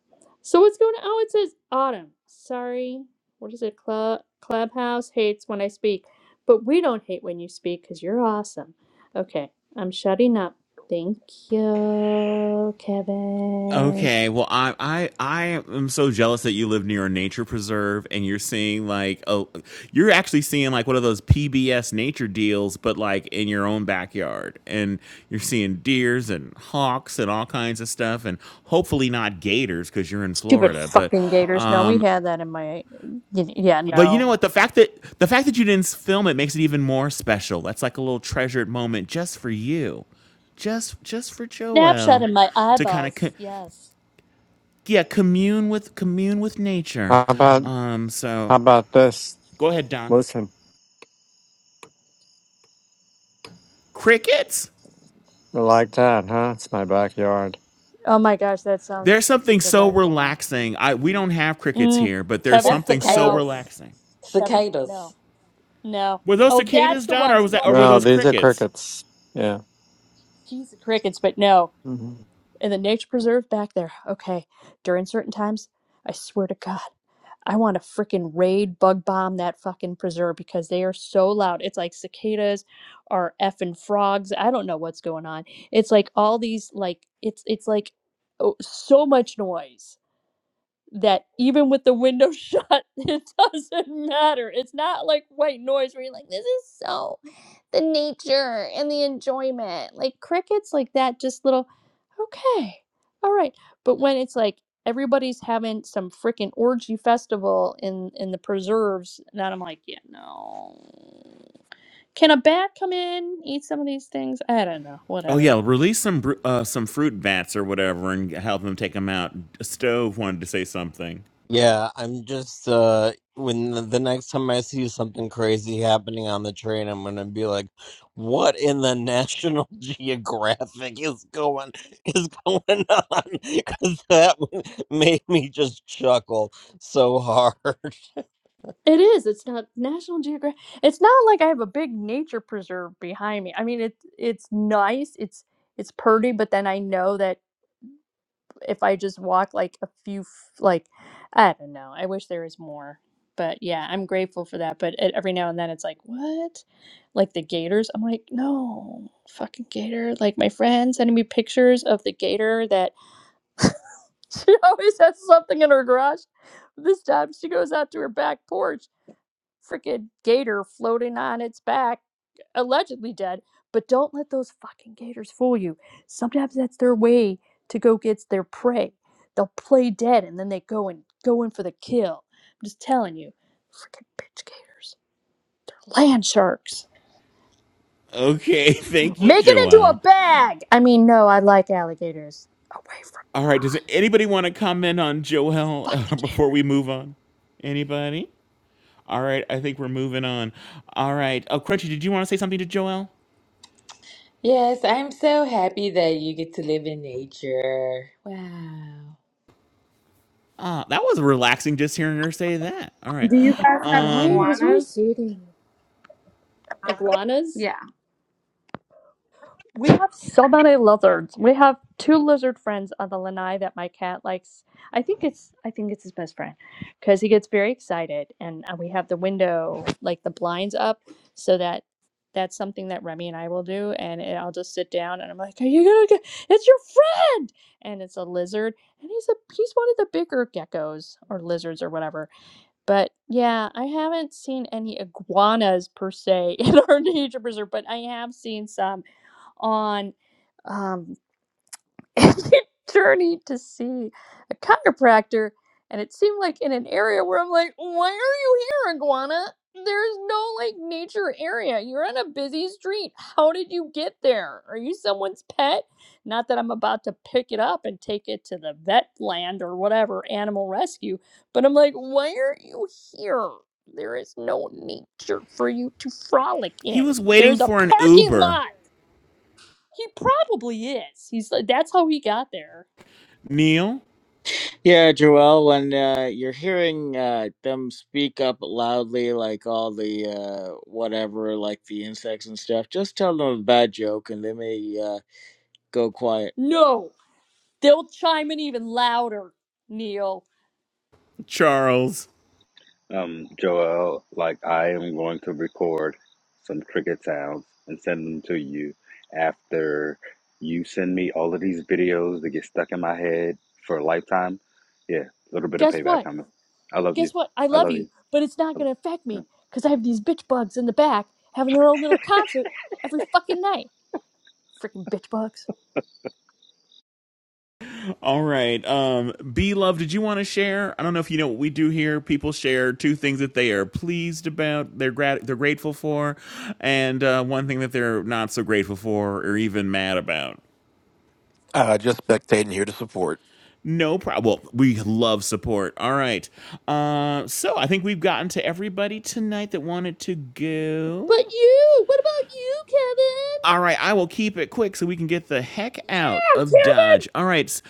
So what's going on? Oh, it says Autumn. Sorry. What is it? Club Clubhouse hates when I speak, but we don't hate when you speak because you're awesome. Okay, I'm shutting up. Thank you, Kevin. Okay, well, I I I am so jealous that you live near a nature preserve and you're seeing like oh, you're actually seeing like one of those PBS nature deals, but like in your own backyard, and you're seeing deers and hawks and all kinds of stuff, and hopefully not gators because you're in Stupid Florida. But fucking Gators. No, we um, had that in my. y- Yeah, but you no. know what? The fact that the fact that you didn't film it makes it even more special. That's like a little treasured moment just for you just just for Snapshot Joel in my to kind of co- eyeballs. Yes. yeah, commune with commune with nature. How about Um, how so about this? go ahead, Don. Listen, Crickets. you like that, huh? It's my backyard. Oh my gosh, that sounds There's something so delightful. relaxing. I we don't have crickets Mm. here, but there's Kevin, that's something so no. cicadas. relaxing. Kevin, Cicadas. no. No. Were those Oh, that's cicadas, the Don, or ones. was that, or were Crunchy. No, those these are crickets? crickets. Yeah. He's the crickets, but no. And the nature preserve back there. Okay, during certain times, I swear to God, I want to freaking raid bug bomb that fucking preserve because they are so loud. It's like cicadas or effing frogs. I don't know what's going on. It's like all these like it's it's like oh, so much noise that even with the window shut, it doesn't matter. It's not like white noise where you're like, this is so the nature and the enjoyment. Like crickets, like that, just little. Okay. All right. But when it's like everybody's having some freaking orgy festival in in the preserves, then I'm like, yeah, no. Can a bat come in, eat some of these things? I don't know. Oh Whatever. yeah, release some bru- uh, some fruit bats or whatever, and help them take them out. Stove wanted to say something. Yeah, I'm just uh when the, the next time I see something crazy happening on the train, I'm gonna be like, "What in the National Geographic is going is going on?" Because that one made me just chuckle so hard. It is. It's not National Geographic. It's not like I have a big nature preserve behind me. I mean, it's it's nice. It's it's pretty, but then I know that if I just walk like a few, f- like, I don't know. I wish there was more. But yeah, I'm grateful for that. But e- every now and then it's like, what? Like the gators? I'm like, no, fucking gator. Like my friend sending me pictures of the gator that she always has something in her garage. This time she goes out to her back porch freaking gator floating on its back, allegedly dead. But don't let those fucking gators fool you. Sometimes that's their way to go get their prey. They'll play dead and then they go and go in for the kill. I'm just telling you, freaking bitch gators, land sharks. Okay, thank you, Make it into a Joel. bag. I mean, no, I like alligators. Away from All right, does anybody want to comment on Joel fuck the uh, gator. before we move on? Anybody? All right, I think we're moving on. All right. Oh, Crunchy, did you want to say something to Joel? Yes, I'm so happy that you get to live in nature. Wow. Ah, that was relaxing just hearing her say that. All right. have Right? It Um, was very Juanas. soothing. Iguanas. Yeah. We have so many lizards. We have two lizard friends on the lanai that my cat likes. I think it's I think it's his best friend because he gets very excited, and uh, we have the window like the blinds up so that that's something that Remy and I will do. And it, I'll just sit down and I'm like, "Are you gonna get? It's your friend!" And it's a lizard, and he's a he's one of the bigger geckos or lizards or whatever. But yeah, I haven't seen any iguanas per se in our nature preserve, but I have seen some on um, a journey to see a chiropractor, and it seemed like in an area where I'm like, why are you here, iguana? There's no like nature area. You're on a busy street. How did you get there? Are you someone's pet? Not that I'm about to pick it up and take it to the vet land or whatever animal rescue, but I'm like, why are you here? There is no nature for you to frolic he in. was waiting There's a for an parking Uber. lot. He probably is. He's like, that's how he got there. Neil, Yeah, Joel, when uh, you're hearing uh, them speak up loudly, like all the uh, whatever, like the insects and stuff, just tell them a bad joke and they may uh, go quiet. No, they'll chime in even louder, Neil. Charles. Um, Joel, like I am going to record some cricket sounds and send them to you after you send me all of these videos that get stuck in my head for a lifetime. Yeah, a little bit of Guess payback what? coming. I love you. Guess what? I I love love you, you. but it's not I, love gonna affect me you. because I have these bitch bugs in the back having their own little concert every fucking night. Freaking bitch bugs. All right. Um, B Love, did you want to share? I don't know if you know what we do here. People share two things that they are pleased about, they're grat- they're grateful for, and uh, one thing that they're not so grateful for or even mad about. Uh, just spectating here to support. No problem. Well, we love support. All right. Uh, so I think we've gotten to everybody tonight that wanted to go. But you, what about you, All right, I will keep it quick so we can get the heck Kevin? out Yeah, of Kevin. Dodge. All right, s-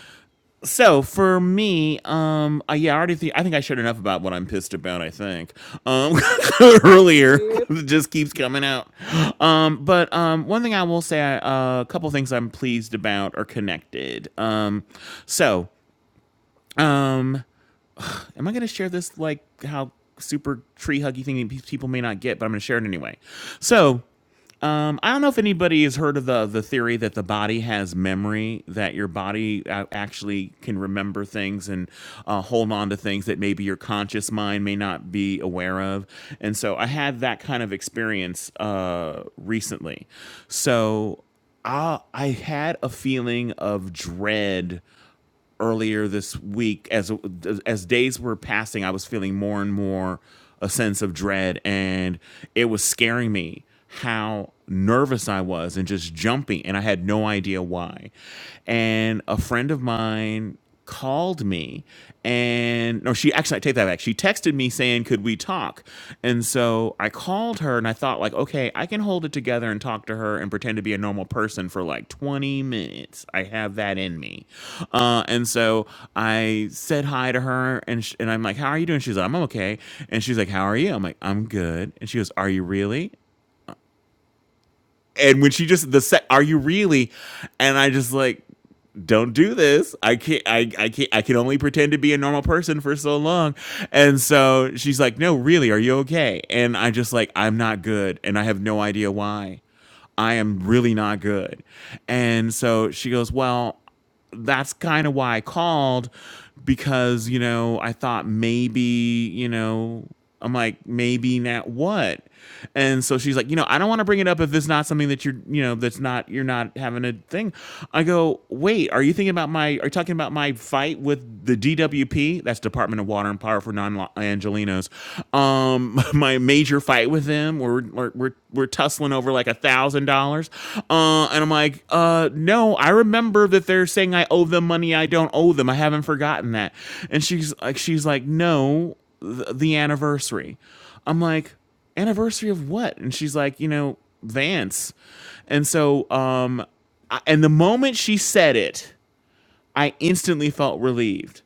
so for me, um, uh, yeah, I already think I think I shared enough about what I'm pissed about. I think um, earlier Yep. it just keeps coming out. Um, but um, one thing I will say, uh, a couple things I'm pleased about are connected. Um, so. Um, Am I going to share this like how super tree huggy thing people may not get, but I'm going to share it anyway. So um, I don't know if anybody has heard of the the theory that the body has memory, that your body uh, actually can remember things and uh, hold on to things that maybe your conscious mind may not be aware of. And so I had that kind of experience uh, recently. So I, I had a feeling of dread earlier this week as as days were passing i was feeling more and more a sense of dread and it was scaring me how nervous i was and just jumpy and i had no idea why and a friend of mine called me and no she actually I take that back she texted me saying could we talk and so i called her and i thought like okay i can hold it together and talk to her and pretend to be a normal person for like 20 minutes i have that in me uh, and so i said hi to her and, sh- and i'm like how are you doing she's like i'm okay and she's like how are you i'm like i'm good and she goes are you really and when she just the set, are you really? And I just like, don't do this. I can't. I I can't. I can only pretend to be a normal person for so long. And so she's like, no, really, are you okay? And I just like, I'm not good, and I have no idea why. I am really not good. And so she goes, well, that's kind of why I called because, you know, I thought maybe, you know, I'm like, maybe not what? And so she's like, you know, I don't want to bring it up if it's not something that you're, you know, that's not, you're not having a thing. I go, wait, are you thinking about my, are you talking about my fight with the DWP? That's Department of Water and Power for Non Angelinos um my major fight with them where we're we're, we're, tussling over like a thousand dollars uh and i'm like uh no i remember that they're saying i owe them money i don't owe them i haven't forgotten that and she's like she's like no th- the anniversary i'm like anniversary of what and she's like you know vance and so um I, and the moment she said it i instantly felt relieved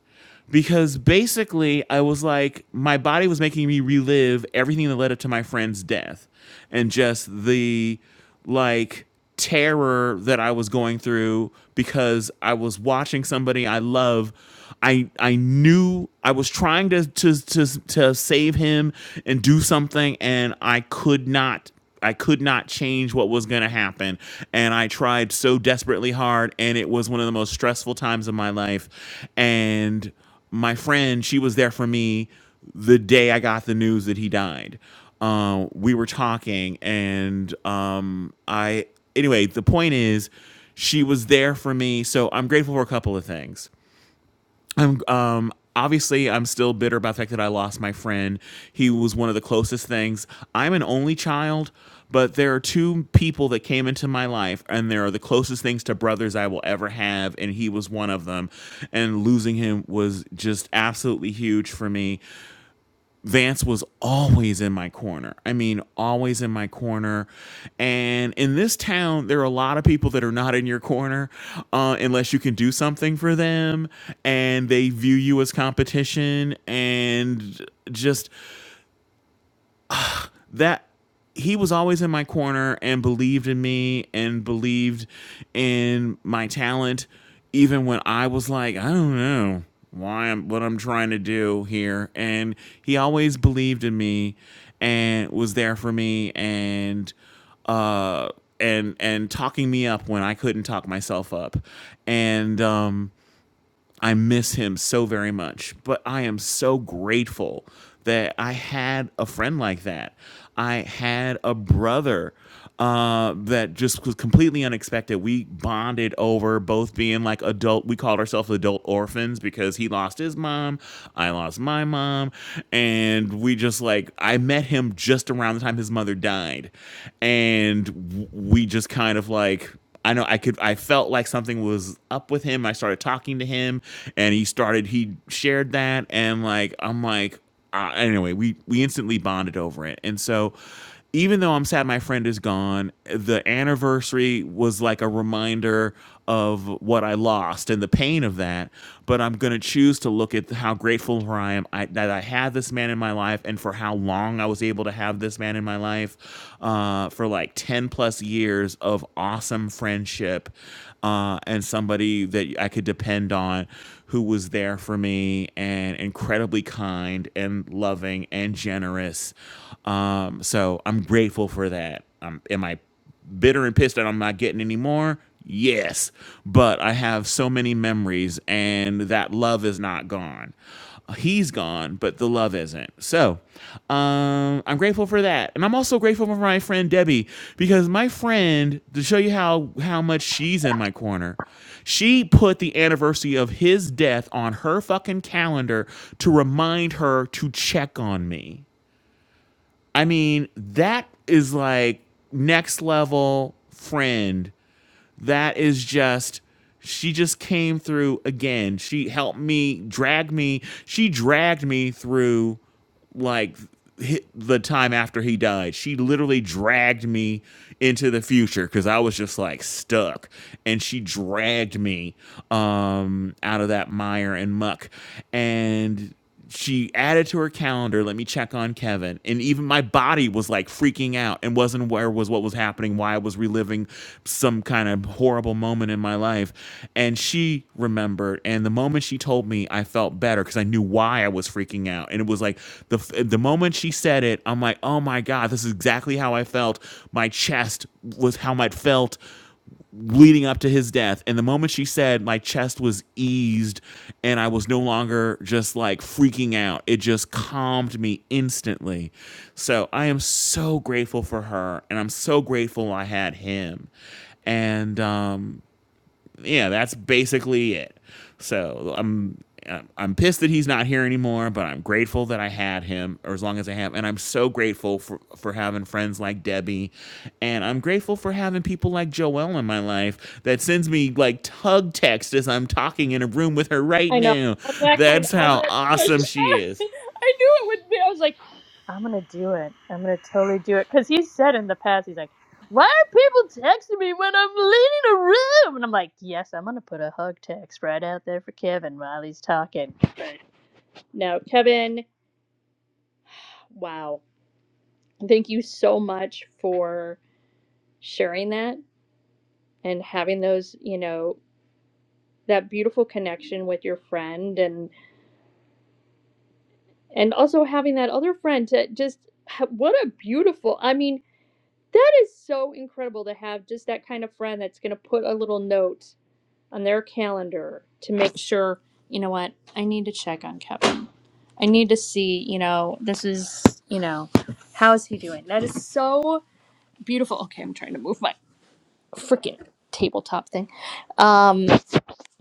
because basically I was like my body was making me relive everything that led up to my friend's death and just the like terror that I was going through because I was watching somebody I love I I knew I was trying to to to to save him and do something and I could not I could not change what was going to happen. And I tried so desperately hard. And it was one of the most stressful times of my life. And my friend, she was there for me the day I got the news that he died. Uh, we were talking, and um, I, anyway, the point is, she was there for me. So I'm grateful for a couple of things. I'm um obviously I'm still bitter about the fact that I lost my friend. He was one of the closest things. I'm an only child, but there are two people that came into my life and they are the closest things to brothers I will ever have and he was one of them. And losing him was just absolutely huge for me. Vance was always in my corner. I mean, always in my corner. And in this town, there are a lot of people that are not in your corner uh, unless you can do something for them and they view you as competition. And just that he was always in my corner and believed in me and believed in my talent even when I was like, I don't know why I'm what I'm trying to do here. And he always believed in me and was there for me and uh and and talking me up when I couldn't talk myself up. And um I miss him so very much, but I am so grateful that I had a friend like that. I had a brother uh, that just was completely unexpected. We bonded over both being like adult. We called ourselves adult orphans because he lost his mom, I lost my mom, and we just like I met him just around the time his mother died, and we just kind of like I know I could I felt like something was up with him. I started talking to him and he started he shared that and like I'm like uh, anyway, we we instantly bonded over it. And so even though I'm sad my friend is gone, the anniversary was like a reminder of what I lost and the pain of that, but I'm going to choose to look at how grateful I am I, that I had this man in my life and for how long I was able to have this man in my life uh, for like 10 plus years of awesome friendship uh, and somebody that I could depend on who was there for me and incredibly kind and loving and generous. Um, so I'm grateful for that. Um, am I bitter and pissed that I'm not getting any more? Yes. But I have so many memories and that love is not gone. He's gone, but the love isn't. So um, I'm grateful for that. And I'm also grateful for my friend Debbie because my friend, to show you how, how much she's in my corner, she put the anniversary of his death on her fucking calendar to remind her to check on me. I mean, that is like next level friend that is just she just came through again. She helped me, dragged me. She dragged me through like the time after he died. She literally dragged me into the future because I was just like stuck, and she dragged me um, out of that mire and muck. And she added to her calendar, "Let me check on Kevin," and even my body was like freaking out tuning out and wasn't aware was what was happening, why I was reliving some kind of horrible moment in my life. And she remembered, and the moment she told me, I felt better because I knew why I was freaking out. And it was like the the moment she said it, I'm like, oh my god, this is exactly how I felt. My chest was how I felt leading up to his death. And the moment she said, my chest was eased and I was no longer just like freaking out, it just calmed me instantly. So I am so grateful for her and I'm so grateful I had him. And um, yeah, that's basically it. So I'm I'm- pissed that he's not here anymore, but I'm grateful that I had him, or as long as I have, and I'm so grateful for for having friends like Debbie, and I'm grateful for having people like Joelle in my life that sends me like tug text as I'm talking in a room with her right I know. now. I'm that kind. That's of, I'm how that. I awesome she is. knew it would be. I was like, I'm gonna do it. I'm gonna totally do it. Cause he said in the past, he's like, why are people texting me when I'm leaving a room? And I'm like, yes, I'm gonna put a hug text right out there for Kevin while he's talking. But no, Kevin. Wow. Thank you so much for sharing that and having those. You know that beautiful connection with your friend and also having that other friend to just what a beautiful i mean that is so incredible to have just that kind of friend that's going to put a little note on their calendar to make sure you know what i need to check on kevin i need to see you know this is you know how is he doing that is so beautiful okay i'm trying to move my freaking tabletop thing um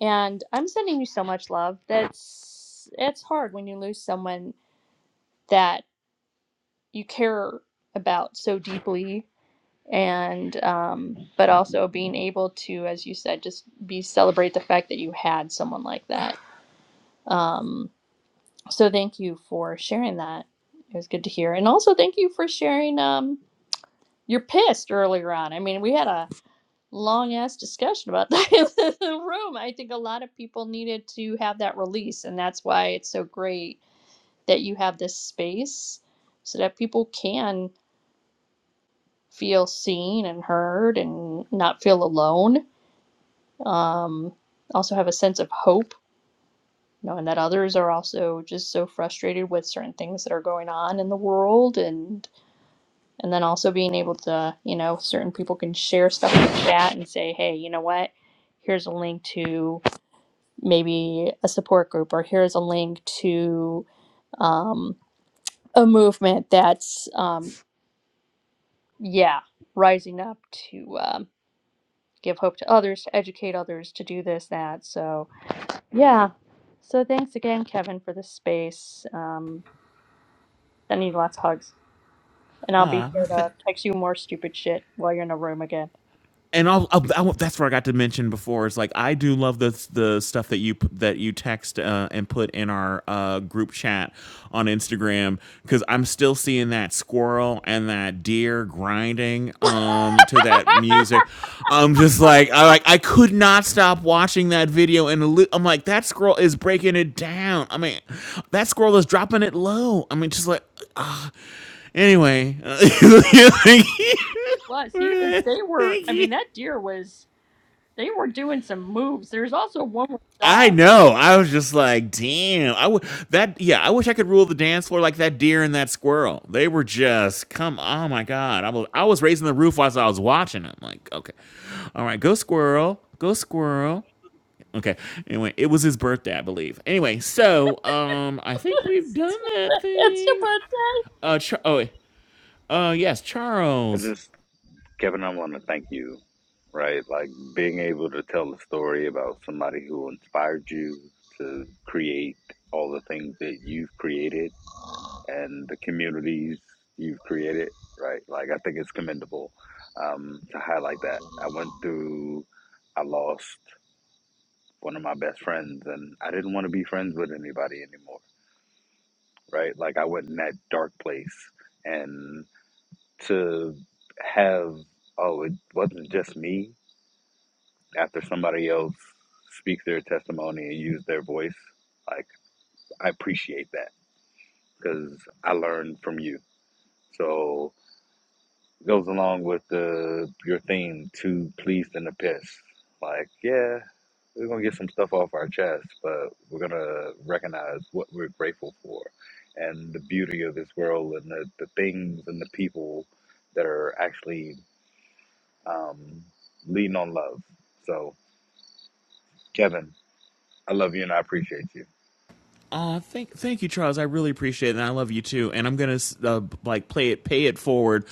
and i'm sending you so much love that's it's hard when you lose someone that you care about so deeply and um, but also being able to as you said just be celebrate the fact that you had someone like that um, so thank you for sharing that it was good to hear and also thank you for sharing um, you're pissed earlier on i mean we had a long ass discussion about that in the room i think a lot of people needed to have that release and that's why it's so great that you have this space so that people can feel seen and heard and not feel alone. Um, also have a sense of hope, knowing that others are also just so frustrated with certain things that are going on in the world, and and then also being able to, you know, certain people can share stuff in the chat and say, hey, you know what? Here's a link to maybe a support group, or here's a link to um, a movement that's, um, yeah, rising up to. um, give hope to others, to educate others, to do this, that. So, yeah. So, thanks again, Kevin, for this space. Um, sending you lots of hugs. And I'll be Ah, well, here th- to text you more stupid shit while you're in a room again. and I'll, I'll, I will that's where I got to mention before is like I do love the the stuff that you that you text uh, and put in our uh, group chat on Instagram because I'm still seeing that squirrel and that deer grinding um to that music. I'm just like I like I could not stop watching that video and li- I'm like that squirrel is breaking it down. I mean that squirrel is dropping it low. I mean just like ah anyway. Was he was they were Thank I you. mean that deer was they were doing some moves. There's also one with I dogs. know. I was just like, damn. I would that yeah, I wish I could rule the dance floor like that deer and that squirrel. They were just come oh my god. I was I was raising the roof whilst I was watching them. Like, okay. All right, go squirrel. Go squirrel. Okay. Anyway, it was his birthday, I believe. Anyway, so um I think we've done that it's a thing. birthday. Uh Char- oh wait. uh yes, I Charles. just Kevin, I want to thank you, right? Like being able to tell a story about somebody who inspired you to create all the things that you've created and the communities you've created, right? Like, I think it's commendable um, to highlight that. I went through, I lost one of my best friends, and I didn't want to be friends with anybody anymore, right? Like, I went in that dark place, and to have, oh, it wasn't just me after somebody else speaks their testimony and use their voice like i appreciate that because i learned from you so it goes along with the your theme too pleased and the piss like yeah we're gonna get some stuff off our chest but we're gonna recognize what we're grateful for and the beauty of this world and the, the things and the people that are actually um, leading on love so kevin i love you and i appreciate you Uh, thank, thank you, Charles. I really appreciate it, and I love you too. And I'm gonna uh, like play it, pay it forward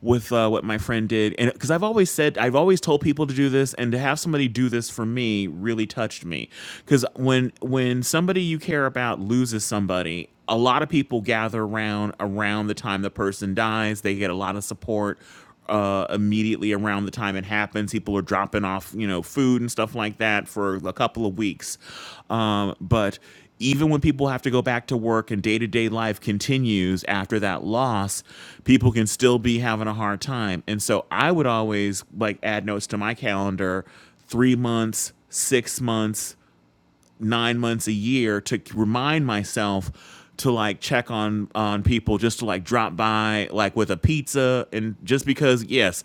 with uh, what my friend did, and because I've always said, I've always told people to do this, and to have somebody do this for me really touched me. Because when when somebody you care about loses somebody, a lot of people gather around around the time the person dies. They get a lot of support uh, immediately around the time it happens. People are dropping off, you know, food and stuff like that for a couple of weeks. Um, but even when people have to go back to work and day to day life continues after that loss, people can still be having a hard time. And so I would always like add notes to my calendar three months, six months, nine months a year to remind myself to like check on on people just to like drop by like with a pizza and just because yes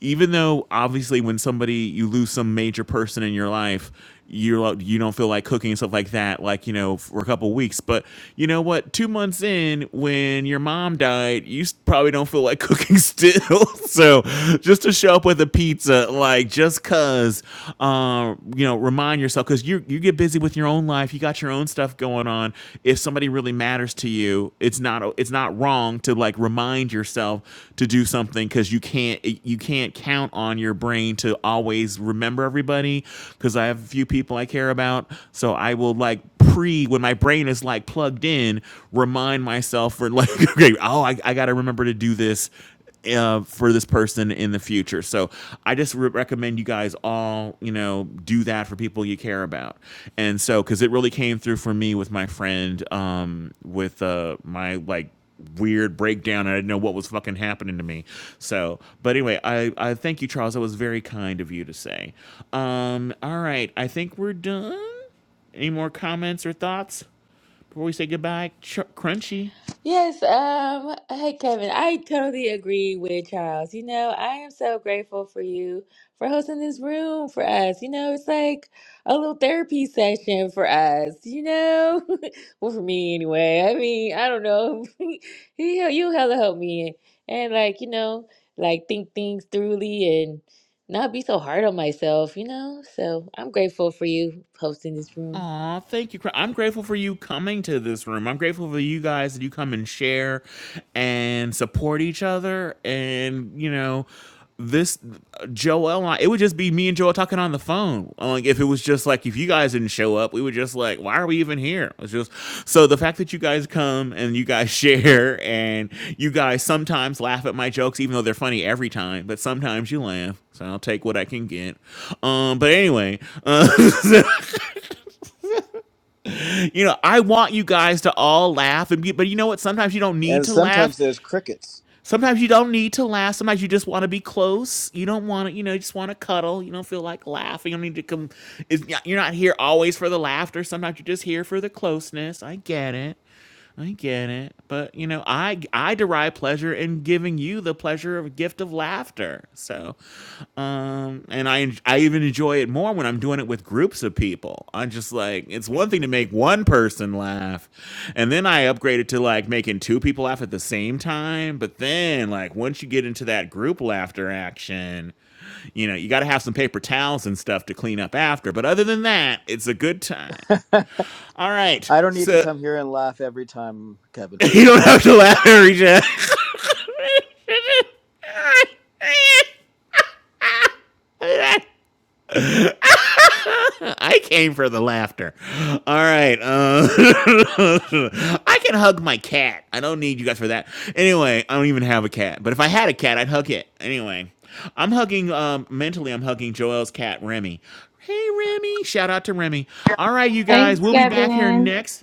even though obviously when somebody you lose some major person in your life you're like you don't feel like cooking and stuff like that like you know for a couple weeks but you know what two months in when your mom died you s- probably don't feel like cooking still so just to show up with a the pizza, like just cause, uh, you know, remind yourself because you you get busy with your own life. You got your own stuff going on. If somebody really matters to you, it's not it's not wrong to like remind yourself to do something because you can't you can't count on your brain to always remember everybody. Because I have a few people I care about, so I will like pre when my brain is like plugged in, remind myself for like okay, oh I, I got to remember to do this uh, for this person in the future. So I just re- recommend you guys all, you know, do that for people you care about. And so, because it really came through for me with my friend, um, with uh, my like weird breakdown. and I didn't know what was fucking happening to me. So, but anyway, I, I thank you, Charles. That was very kind of you to say. Um, all right. I think we're done. Any more comments or thoughts before we say goodbye? Ch- crunchy. Yes, um, hey Kevin, I totally agree with Charles. You know, I am so grateful for you for hosting this room for us. You know, it's like a little therapy session for us, you know? Well, for me anyway. I mean, I don't know. He hel- you hella help me and like, you know, like think things thoroughly and not be so hard on myself, you know? So I'm grateful for you hosting this room. Aw, thank you. Cra- I'm grateful for you coming to this room. I'm grateful for you guys that you come and share and support each other. And, you know, this Joel and I, it would just be me and Joel talking on the phone. Like, if it was just like, if you guys didn't show up, we were just like, why are we even here? It's just so the fact that you guys come and you guys share and you guys sometimes laugh at my jokes, even though they're funny every time, but sometimes you laugh. So I'll take what I can get. Um, but anyway, uh, You know, I want you guys to all laugh, and be, but you know what? Sometimes you don't need And to laugh. sometimes there's crickets. Sometimes you don't need to laugh. Sometimes you just want to be close. You don't want to, you know, you just want to cuddle. You don't feel like laughing. You don't need to come. It's, you're not here always for the laughter. Sometimes you're just here for the closeness. I get it. I get it, but you know, I I derive pleasure in giving you the pleasure of gift of laughter. So, um, and I en- I even enjoy it more when I'm doing it with groups of people. I'm just like, it's one thing to make one person laugh, and then I upgrade it to like making two people laugh at the same time. But then, like, once you get into that group laughter action, you know, you got to have some paper towels and stuff to clean up after. But other than that, it's a good time. I All right, don't need to so come here and laugh every time, Kevin. You don't have to laugh, Harry Jack. I came for the laughter. All right. Uh, I can hug my cat. I don't need you guys for that. Anyway, I don't even have a cat. But if I had a cat, I'd hug it. Anyway, I'm hugging, um, mentally, I'm hugging Joel's cat, Remy. Hey, Remy. Shout out to Remy. All right, you guys. Thanks, We'll be back here Gavin. next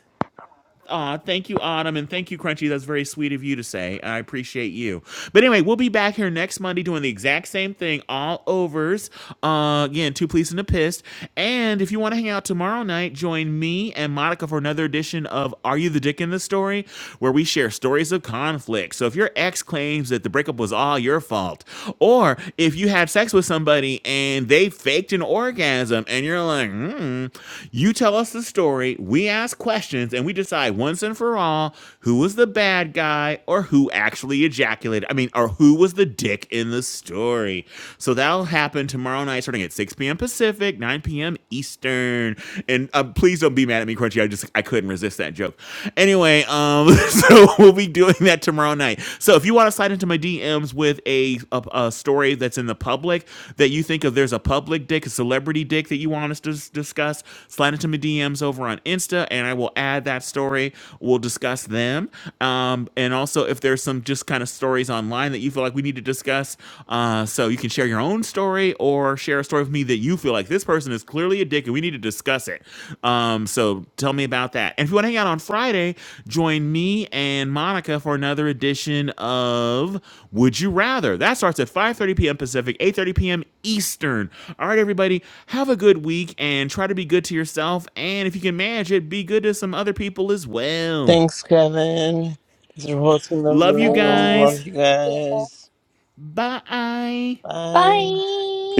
Aw, thank you, Autumn, and thank you, Crunchy. That's very sweet of you to say. I appreciate you. But anyway, we'll be back here next Monday doing the exact same thing, all overs. Uh, again, two police and a pissed. And if you want to hang out tomorrow night, join me and Monica for another edition of Are You the Dick in the Story, where we share stories of conflict. So if your ex claims that the breakup was all your fault, or if you had sex with with somebody and they faked an orgasm and you're like, hmm, you tell us the story, we ask questions, and we decide once and for all who was the bad guy or who actually ejaculated. I mean, or who was the dick in the story. So that'll happen tomorrow night starting at 6 p.m. Pacific, 9 p.m. Eastern. And uh, please don't be mad at me, Crunchy. I just I couldn't resist that joke. And. Anyway, um, so we'll be doing that tomorrow night. So if you want to slide into my DMs with a, a a story that's in the public that you think of, there's a public dick, a celebrity dick that you want us to s- discuss. Slide into my DMs over on Insta, and I will add that story. We'll discuss them. Um, and also if there's some just kind of stories online that you feel like we need to discuss, uh, so you can share your own story or share a story with me that you feel like this person is clearly a dick and we need to discuss it. Um, so tell me about that. And if you want to hang out on Friday, join me and Monica for another edition of Would You Rather. That starts at 5:30 p.m. Pacific, 8:30 p.m. Eastern. All right, everybody, have a good week and try to be good to yourself. And if you can manage it, be good to some other people as well. Thanks, Kevin. Thanks for hosting the Love you Bye room. Love guys. you guys. guys. Bye. Bye. Bye.